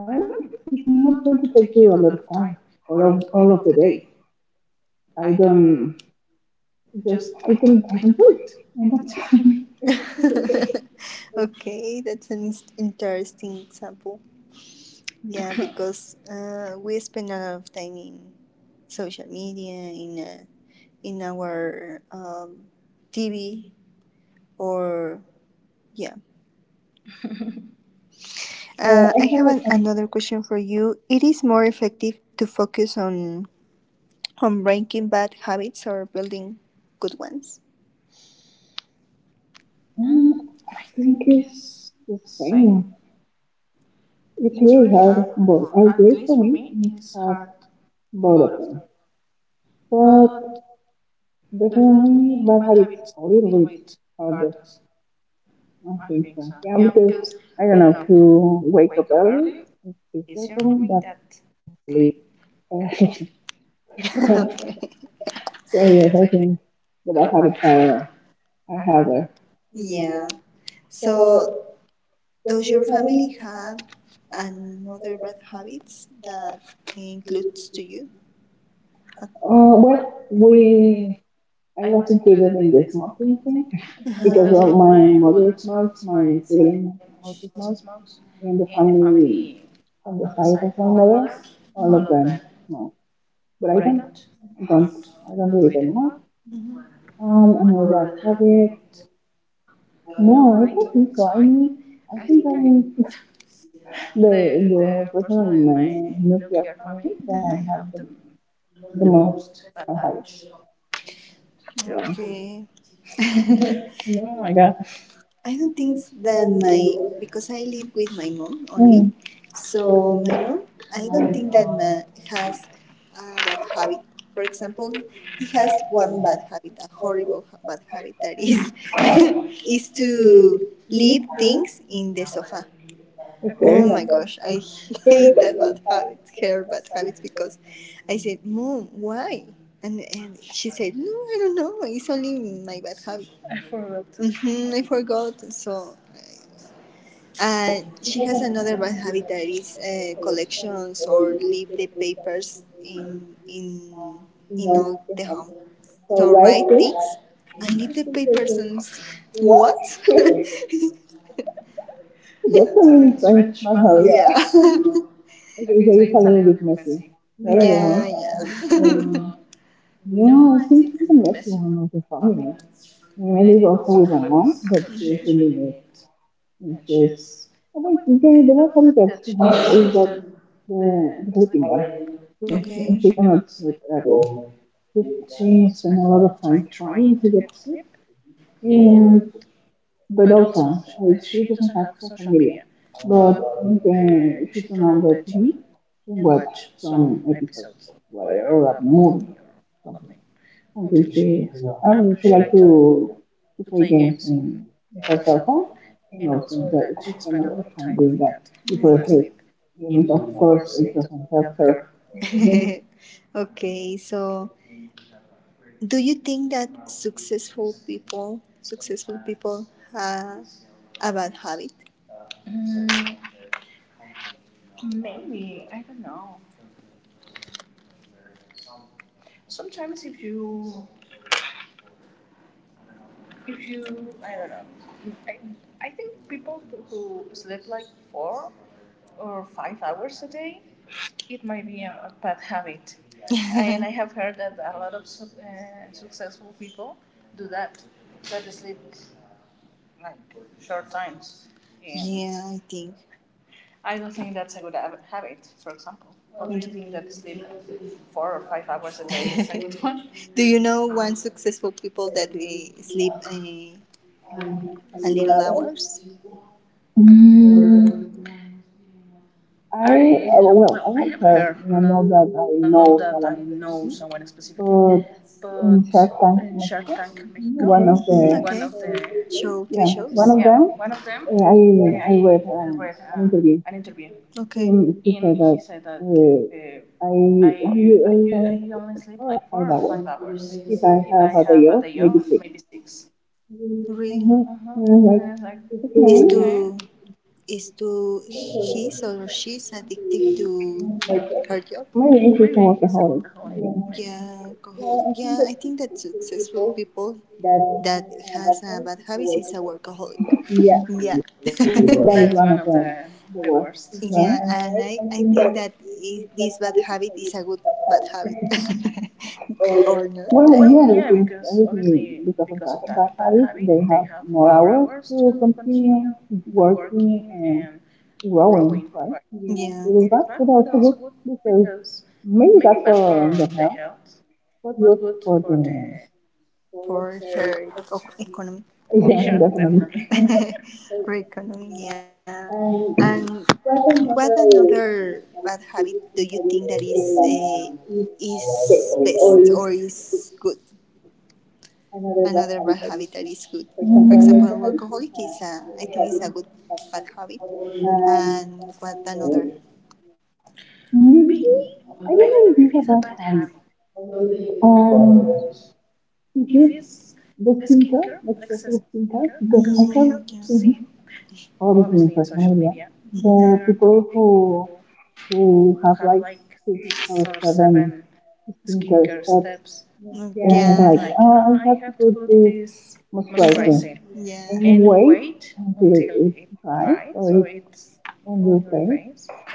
Speaker 2: I
Speaker 1: I
Speaker 2: don't
Speaker 1: don't
Speaker 2: know,
Speaker 1: know.
Speaker 2: it's
Speaker 1: It's
Speaker 2: not
Speaker 1: not
Speaker 2: going
Speaker 1: going
Speaker 2: to
Speaker 1: to
Speaker 2: take you a lot of time or of, all of the day. I don't, just, I don't wait. And that's
Speaker 1: okay, that's an interesting example. Yeah, because we spend a lot of time in social media, in our TV, or yeah. I have an,
Speaker 2: all.
Speaker 1: another question for you. It is more effective to focus on breaking bad habits or building good ones. Mm, I
Speaker 2: Think
Speaker 1: think
Speaker 2: it's
Speaker 1: it's
Speaker 2: the
Speaker 1: the
Speaker 2: same.
Speaker 1: same.
Speaker 2: It's
Speaker 1: It's
Speaker 2: really
Speaker 1: really
Speaker 2: hard
Speaker 1: hard
Speaker 2: on both.
Speaker 1: for,
Speaker 2: I
Speaker 1: at
Speaker 2: believe
Speaker 1: least
Speaker 2: for
Speaker 1: for
Speaker 2: me,
Speaker 1: me,
Speaker 2: it's
Speaker 1: it's
Speaker 2: hard
Speaker 1: hard
Speaker 2: both
Speaker 1: both
Speaker 2: of
Speaker 1: of
Speaker 2: them.
Speaker 1: them.
Speaker 2: But
Speaker 1: But
Speaker 2: definitely,
Speaker 1: definitely
Speaker 2: bad
Speaker 1: bad
Speaker 2: habits
Speaker 1: habits
Speaker 2: a
Speaker 1: a
Speaker 2: little
Speaker 1: little
Speaker 2: bit
Speaker 1: bit
Speaker 2: harder,
Speaker 1: harder.
Speaker 2: I
Speaker 1: I
Speaker 2: think
Speaker 1: think
Speaker 2: so.
Speaker 1: so.
Speaker 2: Yeah,
Speaker 1: Yeah,
Speaker 2: because
Speaker 1: because
Speaker 2: I don't
Speaker 1: I don't
Speaker 2: know,
Speaker 1: know,
Speaker 2: to
Speaker 1: to
Speaker 2: wake
Speaker 1: wake
Speaker 2: up
Speaker 1: up
Speaker 2: early
Speaker 1: early
Speaker 2: is
Speaker 1: is
Speaker 2: easier
Speaker 1: easier
Speaker 2: for
Speaker 1: for
Speaker 2: me,
Speaker 1: me
Speaker 2: but
Speaker 1: than
Speaker 2: to
Speaker 1: sleep
Speaker 2: sleep.
Speaker 1: early. Okay.
Speaker 2: So
Speaker 1: So
Speaker 2: yes,
Speaker 1: yes,
Speaker 2: I
Speaker 1: I think
Speaker 2: think the
Speaker 1: the
Speaker 2: bad habits
Speaker 1: habits are
Speaker 2: are
Speaker 1: are harder.
Speaker 2: harder.
Speaker 1: Yeah. So, does your family have another bad habits that includes to you? Um,
Speaker 2: Well, we I was included in the smoking thing because
Speaker 1: Uh-huh.
Speaker 2: of my mother smokes, my sibling also
Speaker 1: Because
Speaker 2: smokes. In
Speaker 1: and
Speaker 2: the family on the side of my mother, all
Speaker 1: all
Speaker 2: of
Speaker 1: of.
Speaker 2: them smoke. But I don't, I don't really don't know.
Speaker 1: Mhm. um,
Speaker 2: And all that habit.
Speaker 1: no,
Speaker 2: No, I don't think so. I mean, I
Speaker 1: I
Speaker 2: think
Speaker 1: think
Speaker 2: I'm the
Speaker 1: that
Speaker 2: the person
Speaker 1: in
Speaker 2: in my
Speaker 1: my
Speaker 2: nuclear
Speaker 1: nuclear
Speaker 2: family
Speaker 1: family
Speaker 2: that
Speaker 1: that I
Speaker 2: I have
Speaker 1: have the
Speaker 2: the
Speaker 1: the
Speaker 2: most
Speaker 1: most bad
Speaker 2: bad habit.
Speaker 1: habits. Yeah.
Speaker 2: Yeah.
Speaker 1: Okay.
Speaker 2: Oh
Speaker 1: Oh
Speaker 2: my
Speaker 1: my
Speaker 2: god.
Speaker 1: god. I don't think that my, because I live with my mom only,
Speaker 2: Mm,
Speaker 1: so my mom, I don't think that ma has a bad habit. For example, he has one bad habit, a horrible bad habit that is is to leave things in the sofa. Okay.
Speaker 2: okay.
Speaker 1: Oh,
Speaker 2: Oh
Speaker 1: okay.
Speaker 2: my
Speaker 1: my
Speaker 2: god.
Speaker 1: gosh, I hate that bad habit, her bad habits, because I said, Mom, why? And she said, No, I don't know. It's only my bad habit. I forgot. Hmm, I forgot. So, she has another bad habit that is collections or leave the papers in all the home. So write things and leave the papers and what?
Speaker 2: That's a really strange bad
Speaker 1: Bad habit.
Speaker 2: habit. Yeah.
Speaker 1: Yeah.
Speaker 2: okay, so it's a little bit messy, right, yeah. You
Speaker 1: Yeah,
Speaker 2: know.
Speaker 1: yeah.
Speaker 2: Yeah,
Speaker 1: No,
Speaker 2: I think she's can met one of the family.
Speaker 1: I mean,
Speaker 2: Maybe go with my mom, but
Speaker 1: it's
Speaker 2: she is
Speaker 1: she,
Speaker 2: really good. And she is. Oh, wait, the one thing that she has is
Speaker 1: she's
Speaker 2: that
Speaker 1: done.
Speaker 2: the, the sleeping bag.
Speaker 1: Yeah,
Speaker 2: Yeah,
Speaker 1: okay.
Speaker 2: she
Speaker 1: She cannot
Speaker 2: cannot
Speaker 1: sleep.
Speaker 2: sleep at all. She, she
Speaker 1: She
Speaker 2: spent a lot of time
Speaker 1: trying,
Speaker 2: trying to get sleep.
Speaker 1: um,
Speaker 2: And, but
Speaker 1: but also
Speaker 2: also, she
Speaker 1: she
Speaker 2: doesn't have social
Speaker 1: social
Speaker 2: media.
Speaker 1: media
Speaker 2: But the, she turned on the TV and watch
Speaker 1: watch some
Speaker 2: some episodes
Speaker 1: episodes
Speaker 2: of
Speaker 1: of
Speaker 2: whatever, or a movie.
Speaker 1: movie or something
Speaker 2: Okay, so I would also like to play games
Speaker 1: to
Speaker 2: because of
Speaker 1: herself,
Speaker 2: fun and
Speaker 1: and
Speaker 2: also
Speaker 1: also
Speaker 2: that if
Speaker 1: that
Speaker 2: you
Speaker 1: she
Speaker 2: spend a
Speaker 1: spent a
Speaker 2: lot
Speaker 1: lot
Speaker 2: of
Speaker 1: of
Speaker 2: time
Speaker 1: time
Speaker 2: doing
Speaker 1: doing
Speaker 2: that
Speaker 1: it
Speaker 2: because
Speaker 1: before
Speaker 2: it, you need, of course it doesn't help her.
Speaker 1: her. Okay, so do you think that successful people have a bad habit? Mm, maybe I don't know. Sometimes if you I don't know. I, I think people who sleep like 4 or 5 hours a day, it might be a bad habit. And I have heard that a lot of successful people do that. That they sleep like short times. Yeah. Yeah, I think I don't think that's a good habit, for example. Or do you think that sleep 4 or 5 hours a day is a good one? Do you know one successful people that they sleep a little hours?
Speaker 2: Mm,
Speaker 1: Mm,
Speaker 2: I
Speaker 1: I
Speaker 2: well,
Speaker 1: I
Speaker 2: I
Speaker 1: have
Speaker 2: have
Speaker 1: heard,
Speaker 2: heard, and I
Speaker 1: not
Speaker 2: know that
Speaker 1: that I
Speaker 2: I
Speaker 1: know
Speaker 2: know
Speaker 1: someone
Speaker 2: someone
Speaker 1: specifically,
Speaker 2: specifically, but
Speaker 1: but
Speaker 2: in Shark Tank Mexico,
Speaker 1: mhm, one, okay,
Speaker 2: one of
Speaker 1: of the
Speaker 2: the
Speaker 1: show TV shows. Yeah,
Speaker 2: yeah,
Speaker 1: one
Speaker 2: one
Speaker 1: of
Speaker 2: of
Speaker 1: them.
Speaker 2: them,
Speaker 1: I
Speaker 2: I
Speaker 1: read
Speaker 2: read
Speaker 1: an
Speaker 2: an
Speaker 1: interview.
Speaker 2: interview.
Speaker 1: Okay.
Speaker 2: He,
Speaker 1: In
Speaker 2: he
Speaker 1: he
Speaker 2: said
Speaker 1: said
Speaker 2: that
Speaker 1: that uh,
Speaker 2: uh,
Speaker 1: I I
Speaker 2: I
Speaker 1: I only
Speaker 2: only take like
Speaker 1: four
Speaker 2: 4 or 5 hours.
Speaker 1: hours
Speaker 2: If
Speaker 1: if I
Speaker 2: I have
Speaker 1: have
Speaker 2: a
Speaker 1: a...
Speaker 2: day off, maybe 6
Speaker 1: Really.
Speaker 2: Uh huh.
Speaker 1: Uh-huh.
Speaker 2: And I'm
Speaker 1: Uh,
Speaker 2: like,
Speaker 1: is okay to
Speaker 2: okay,
Speaker 1: is to his or she's addicted to her job?
Speaker 2: maybe
Speaker 1: Maybe.
Speaker 2: it's just a workaholic.
Speaker 1: Maybe.
Speaker 2: Yeah.
Speaker 1: Yeah, alcohol. Yeah, I think that successful people that has a bad habits is a workaholic. Yeah.
Speaker 2: Yeah. that
Speaker 1: That
Speaker 2: is
Speaker 1: is one
Speaker 2: one of
Speaker 1: of
Speaker 2: the
Speaker 1: the
Speaker 2: worst,
Speaker 1: worst. Yeah,
Speaker 2: right?
Speaker 1: right? And I think that I this bad habit is a good bad habit or not. I Well,
Speaker 2: Well,
Speaker 1: don't yeah, know.
Speaker 2: yeah, because
Speaker 1: Because obviously
Speaker 2: obviously because
Speaker 1: because of
Speaker 2: of that
Speaker 1: that
Speaker 2: bad
Speaker 1: bad habit,
Speaker 2: habit,
Speaker 1: they
Speaker 2: they
Speaker 1: have
Speaker 2: have
Speaker 1: more
Speaker 2: more hours
Speaker 1: hours to
Speaker 2: to
Speaker 1: continue
Speaker 2: continue
Speaker 1: working,
Speaker 2: working
Speaker 1: and
Speaker 2: and growing,
Speaker 1: right,
Speaker 2: right? Yeah.
Speaker 1: yeah,
Speaker 2: It
Speaker 1: it is
Speaker 2: is
Speaker 1: bad,
Speaker 2: bad,
Speaker 1: but
Speaker 2: but
Speaker 1: also
Speaker 2: also
Speaker 1: good
Speaker 2: good because
Speaker 1: because maybe
Speaker 2: maybe bad for the
Speaker 1: they help
Speaker 2: health, but good for the
Speaker 1: for her economy.
Speaker 2: Yeah,
Speaker 1: Yeah.
Speaker 2: definitely.
Speaker 1: Reckoning, yeah. And what another bad habit do you think that is or is good? Another bad habit that is good. For example, alcoholic is a, I think is a good bad habit. And what another?
Speaker 2: Hmm,
Speaker 1: Maybe I
Speaker 2: I don't
Speaker 1: don't
Speaker 2: know if these
Speaker 1: know
Speaker 2: are
Speaker 1: what
Speaker 2: bad
Speaker 1: habit
Speaker 2: habits. Um, it is
Speaker 1: because I,
Speaker 2: the skincare, the excessive skincare, because I
Speaker 1: mm, have
Speaker 2: have
Speaker 1: mm, yeah, seen
Speaker 2: seen all this
Speaker 1: obviously
Speaker 2: in
Speaker 1: social
Speaker 2: social
Speaker 1: media.
Speaker 2: media.
Speaker 1: Mhm.
Speaker 2: The
Speaker 1: There are
Speaker 2: people who
Speaker 1: people
Speaker 2: have like six
Speaker 1: six
Speaker 2: or
Speaker 1: or seven
Speaker 2: seven
Speaker 1: skincare
Speaker 2: skincare steps
Speaker 1: steps. Mm, and
Speaker 2: and
Speaker 1: yeah,
Speaker 2: like,
Speaker 1: like, oh,
Speaker 2: oh, I
Speaker 1: I have
Speaker 2: have to
Speaker 1: to
Speaker 2: put
Speaker 1: put
Speaker 2: this
Speaker 1: this
Speaker 2: moisturizing,
Speaker 1: moisturizing, yeah,
Speaker 2: and
Speaker 1: and
Speaker 2: wait
Speaker 1: wait until
Speaker 2: until
Speaker 1: it
Speaker 2: it's dry,
Speaker 1: dry. So
Speaker 2: so it's
Speaker 1: it's
Speaker 2: on
Speaker 1: on your
Speaker 2: your face.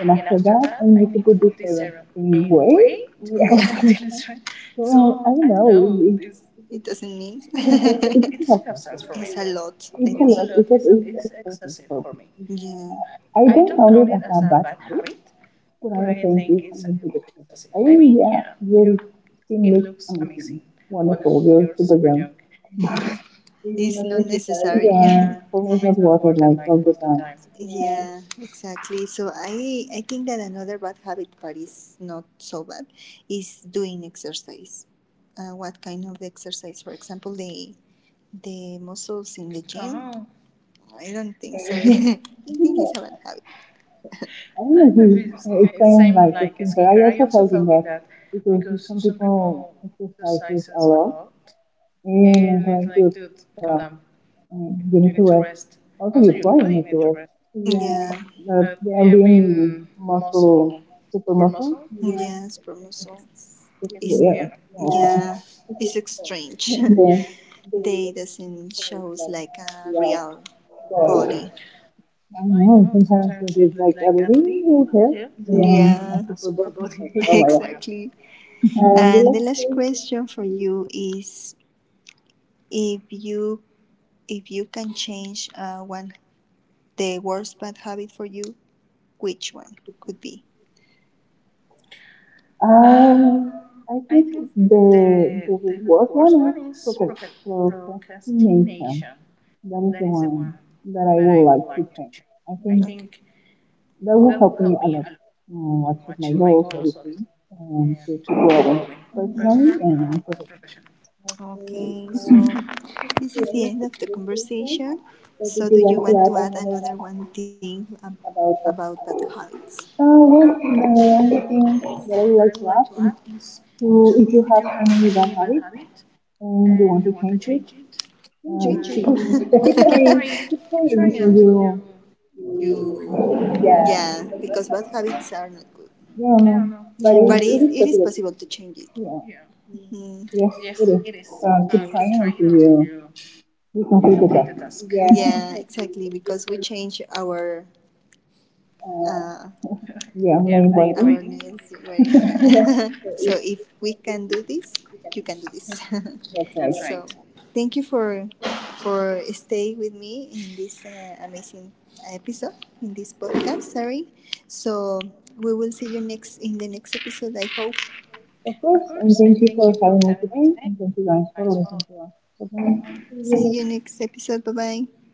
Speaker 1: and I
Speaker 2: after that, I need to put the serum. In
Speaker 1: and
Speaker 2: wait?
Speaker 1: yeah.
Speaker 2: Yeah.
Speaker 1: Until it's dry. So
Speaker 2: so I don't know. It,
Speaker 1: it doesn't mean,
Speaker 2: it
Speaker 1: it doesn't
Speaker 2: doesn't
Speaker 1: have
Speaker 2: have fun
Speaker 1: sense for
Speaker 2: for
Speaker 1: me. It's a
Speaker 2: me.
Speaker 1: lot, I it's think.
Speaker 2: It's a
Speaker 1: It's a
Speaker 2: lot.
Speaker 1: lot. It's, a,
Speaker 2: It's
Speaker 1: it's
Speaker 2: excessive
Speaker 1: excessive
Speaker 2: for
Speaker 1: for me.
Speaker 2: me.
Speaker 1: Yeah.
Speaker 2: I
Speaker 1: I don't
Speaker 2: don't count
Speaker 1: count
Speaker 2: it
Speaker 1: it
Speaker 2: as
Speaker 1: as
Speaker 2: a
Speaker 1: a bad
Speaker 2: bad habit,
Speaker 1: habit,
Speaker 2: but
Speaker 1: but
Speaker 2: I
Speaker 1: I think
Speaker 2: think it's
Speaker 1: it's
Speaker 2: a
Speaker 1: a
Speaker 2: little
Speaker 1: little bit
Speaker 2: bit excessive.
Speaker 1: excessive.
Speaker 2: I
Speaker 1: I
Speaker 2: mean,
Speaker 1: mean,
Speaker 2: yeah,
Speaker 1: yeah, your
Speaker 2: your
Speaker 1: skin
Speaker 2: skin looks
Speaker 1: looks
Speaker 2: amazing,
Speaker 1: amazing,
Speaker 2: wonderful.
Speaker 1: wonderful.
Speaker 2: You're
Speaker 1: You're
Speaker 2: super
Speaker 1: super young.
Speaker 2: young.
Speaker 1: It's not necessary.
Speaker 2: Yeah,
Speaker 1: Yeah,
Speaker 2: for me,
Speaker 1: for
Speaker 2: it's
Speaker 1: me, it's
Speaker 2: not
Speaker 1: not
Speaker 2: worth
Speaker 1: worth
Speaker 2: it
Speaker 1: it
Speaker 2: like
Speaker 1: like
Speaker 2: all
Speaker 1: all
Speaker 2: the
Speaker 1: the time. Yeah, exactly. So I think that another bad habit, but it's not so bad, is doing exercise. What kind of exercise? For example, the muscles in the gym. Oh, I don't think so.
Speaker 2: time.
Speaker 1: I think it's a bad habit.
Speaker 2: I
Speaker 1: I
Speaker 2: don't
Speaker 1: don't know
Speaker 2: know if
Speaker 1: if it's
Speaker 2: you explain like a thing, but
Speaker 1: skincare
Speaker 2: I also told him that because some people exercises
Speaker 1: exercise
Speaker 2: a lot
Speaker 1: and
Speaker 2: and trying to
Speaker 1: dude,
Speaker 2: tell
Speaker 1: come down.
Speaker 2: them
Speaker 1: You
Speaker 2: you
Speaker 1: need
Speaker 2: need
Speaker 1: to
Speaker 2: to rest.
Speaker 1: rest.
Speaker 2: Also, you probably need to rest.
Speaker 1: Yeah.
Speaker 2: But
Speaker 1: The
Speaker 2: they have
Speaker 1: MB
Speaker 2: been
Speaker 1: muscle,
Speaker 2: muscle, super muscle.
Speaker 1: yes, promotion it's
Speaker 2: Just,
Speaker 1: is not weird.
Speaker 2: yeah.
Speaker 1: Also. Yeah,
Speaker 2: Yeah.
Speaker 1: it's strange. Yeah,
Speaker 2: Then,
Speaker 1: they doesn't shows like a real body.
Speaker 2: I
Speaker 1: I
Speaker 2: don't
Speaker 1: know.
Speaker 2: know, sometimes
Speaker 1: Sometimes
Speaker 2: it is
Speaker 1: it's like,
Speaker 2: like a little bit yeah.
Speaker 1: yeah,
Speaker 2: A
Speaker 1: a
Speaker 2: super
Speaker 1: super
Speaker 2: body.
Speaker 1: body. Like, oh my god,
Speaker 2: Like, oh my god.
Speaker 1: exactly. And the last question for you is if you if you can change one the worst bad habit for you, which one could be?
Speaker 2: Um, I
Speaker 1: I
Speaker 2: think
Speaker 1: think the
Speaker 2: the
Speaker 1: the
Speaker 2: worst
Speaker 1: worst
Speaker 2: one
Speaker 1: one
Speaker 2: is
Speaker 1: is
Speaker 2: procra- procrastination.
Speaker 1: procrastination.
Speaker 2: That
Speaker 1: That
Speaker 2: is the
Speaker 1: is the one
Speaker 2: one that I
Speaker 1: that I
Speaker 2: would
Speaker 1: would
Speaker 2: like to
Speaker 1: like to change.
Speaker 2: change. I
Speaker 1: I, okay,
Speaker 2: think
Speaker 1: think
Speaker 2: that
Speaker 1: that
Speaker 2: will
Speaker 1: will
Speaker 2: help
Speaker 1: help
Speaker 2: me
Speaker 1: me
Speaker 2: a
Speaker 1: a
Speaker 2: lot
Speaker 1: lot to
Speaker 2: achieve
Speaker 1: achieve
Speaker 2: my
Speaker 1: my
Speaker 2: goals,
Speaker 1: goals, obviously,
Speaker 2: obviously, and
Speaker 1: and
Speaker 2: to
Speaker 1: to
Speaker 2: keep
Speaker 1: keep growing
Speaker 2: growing personally
Speaker 1: personally, mm-hmm,
Speaker 2: and
Speaker 1: and
Speaker 2: professionally.
Speaker 1: professionally. Okay, so this is the end of the conversation.
Speaker 2: Or
Speaker 1: So, do
Speaker 2: did you
Speaker 1: you
Speaker 2: want
Speaker 1: want
Speaker 2: to
Speaker 1: to
Speaker 2: add
Speaker 1: add another
Speaker 2: another one
Speaker 1: one thing
Speaker 2: about
Speaker 1: about
Speaker 2: that?
Speaker 1: bad habits?
Speaker 2: Well,
Speaker 1: Um,
Speaker 2: the
Speaker 1: the
Speaker 2: only
Speaker 1: thing
Speaker 2: thing that I
Speaker 1: that
Speaker 2: would like to ask is to if
Speaker 1: to
Speaker 2: you
Speaker 1: have
Speaker 2: have any
Speaker 1: any
Speaker 2: bad habits and you want to change it,
Speaker 1: change
Speaker 2: keep,
Speaker 1: it.
Speaker 2: keep
Speaker 1: Keep
Speaker 2: trying,
Speaker 1: trying,
Speaker 2: keep
Speaker 1: keep trying. Yeah.
Speaker 2: trying
Speaker 1: Until
Speaker 2: until you,
Speaker 1: you, yeah,
Speaker 2: yeah,
Speaker 1: because bad habits are not good.
Speaker 2: yeah,
Speaker 1: Yeah.
Speaker 2: no, but
Speaker 1: But
Speaker 2: it,
Speaker 1: it,
Speaker 2: yeah, it
Speaker 1: it is
Speaker 2: is
Speaker 1: possible
Speaker 2: possible.
Speaker 1: to change it. Yeah.
Speaker 2: Yeah,
Speaker 1: Mhm.
Speaker 2: yes,
Speaker 1: Yes, it
Speaker 2: it is.
Speaker 1: is, yes.
Speaker 2: Keep
Speaker 1: Keep trying
Speaker 2: trying
Speaker 1: until
Speaker 2: until
Speaker 1: you
Speaker 2: you We
Speaker 1: you
Speaker 2: can
Speaker 1: complete
Speaker 2: take
Speaker 1: the
Speaker 2: it up.
Speaker 1: task. Yeah, exactly. Because we change our uh,
Speaker 2: Yeah,
Speaker 1: yeah,
Speaker 2: may
Speaker 1: main our
Speaker 2: inviting.
Speaker 1: writing, nails were, yeah. So if we can do this, you can do this.
Speaker 2: That's right.
Speaker 1: That's so right. So thank you for staying with me in this amazing episode in this podcast, sorry, so we will see you next in the next episode, I hope.
Speaker 2: Of
Speaker 1: Of
Speaker 2: course, and
Speaker 1: course.
Speaker 2: thank you for having me today, and thank you guys for listening to us. Bye-bye.
Speaker 1: See you next episode. Bye bye.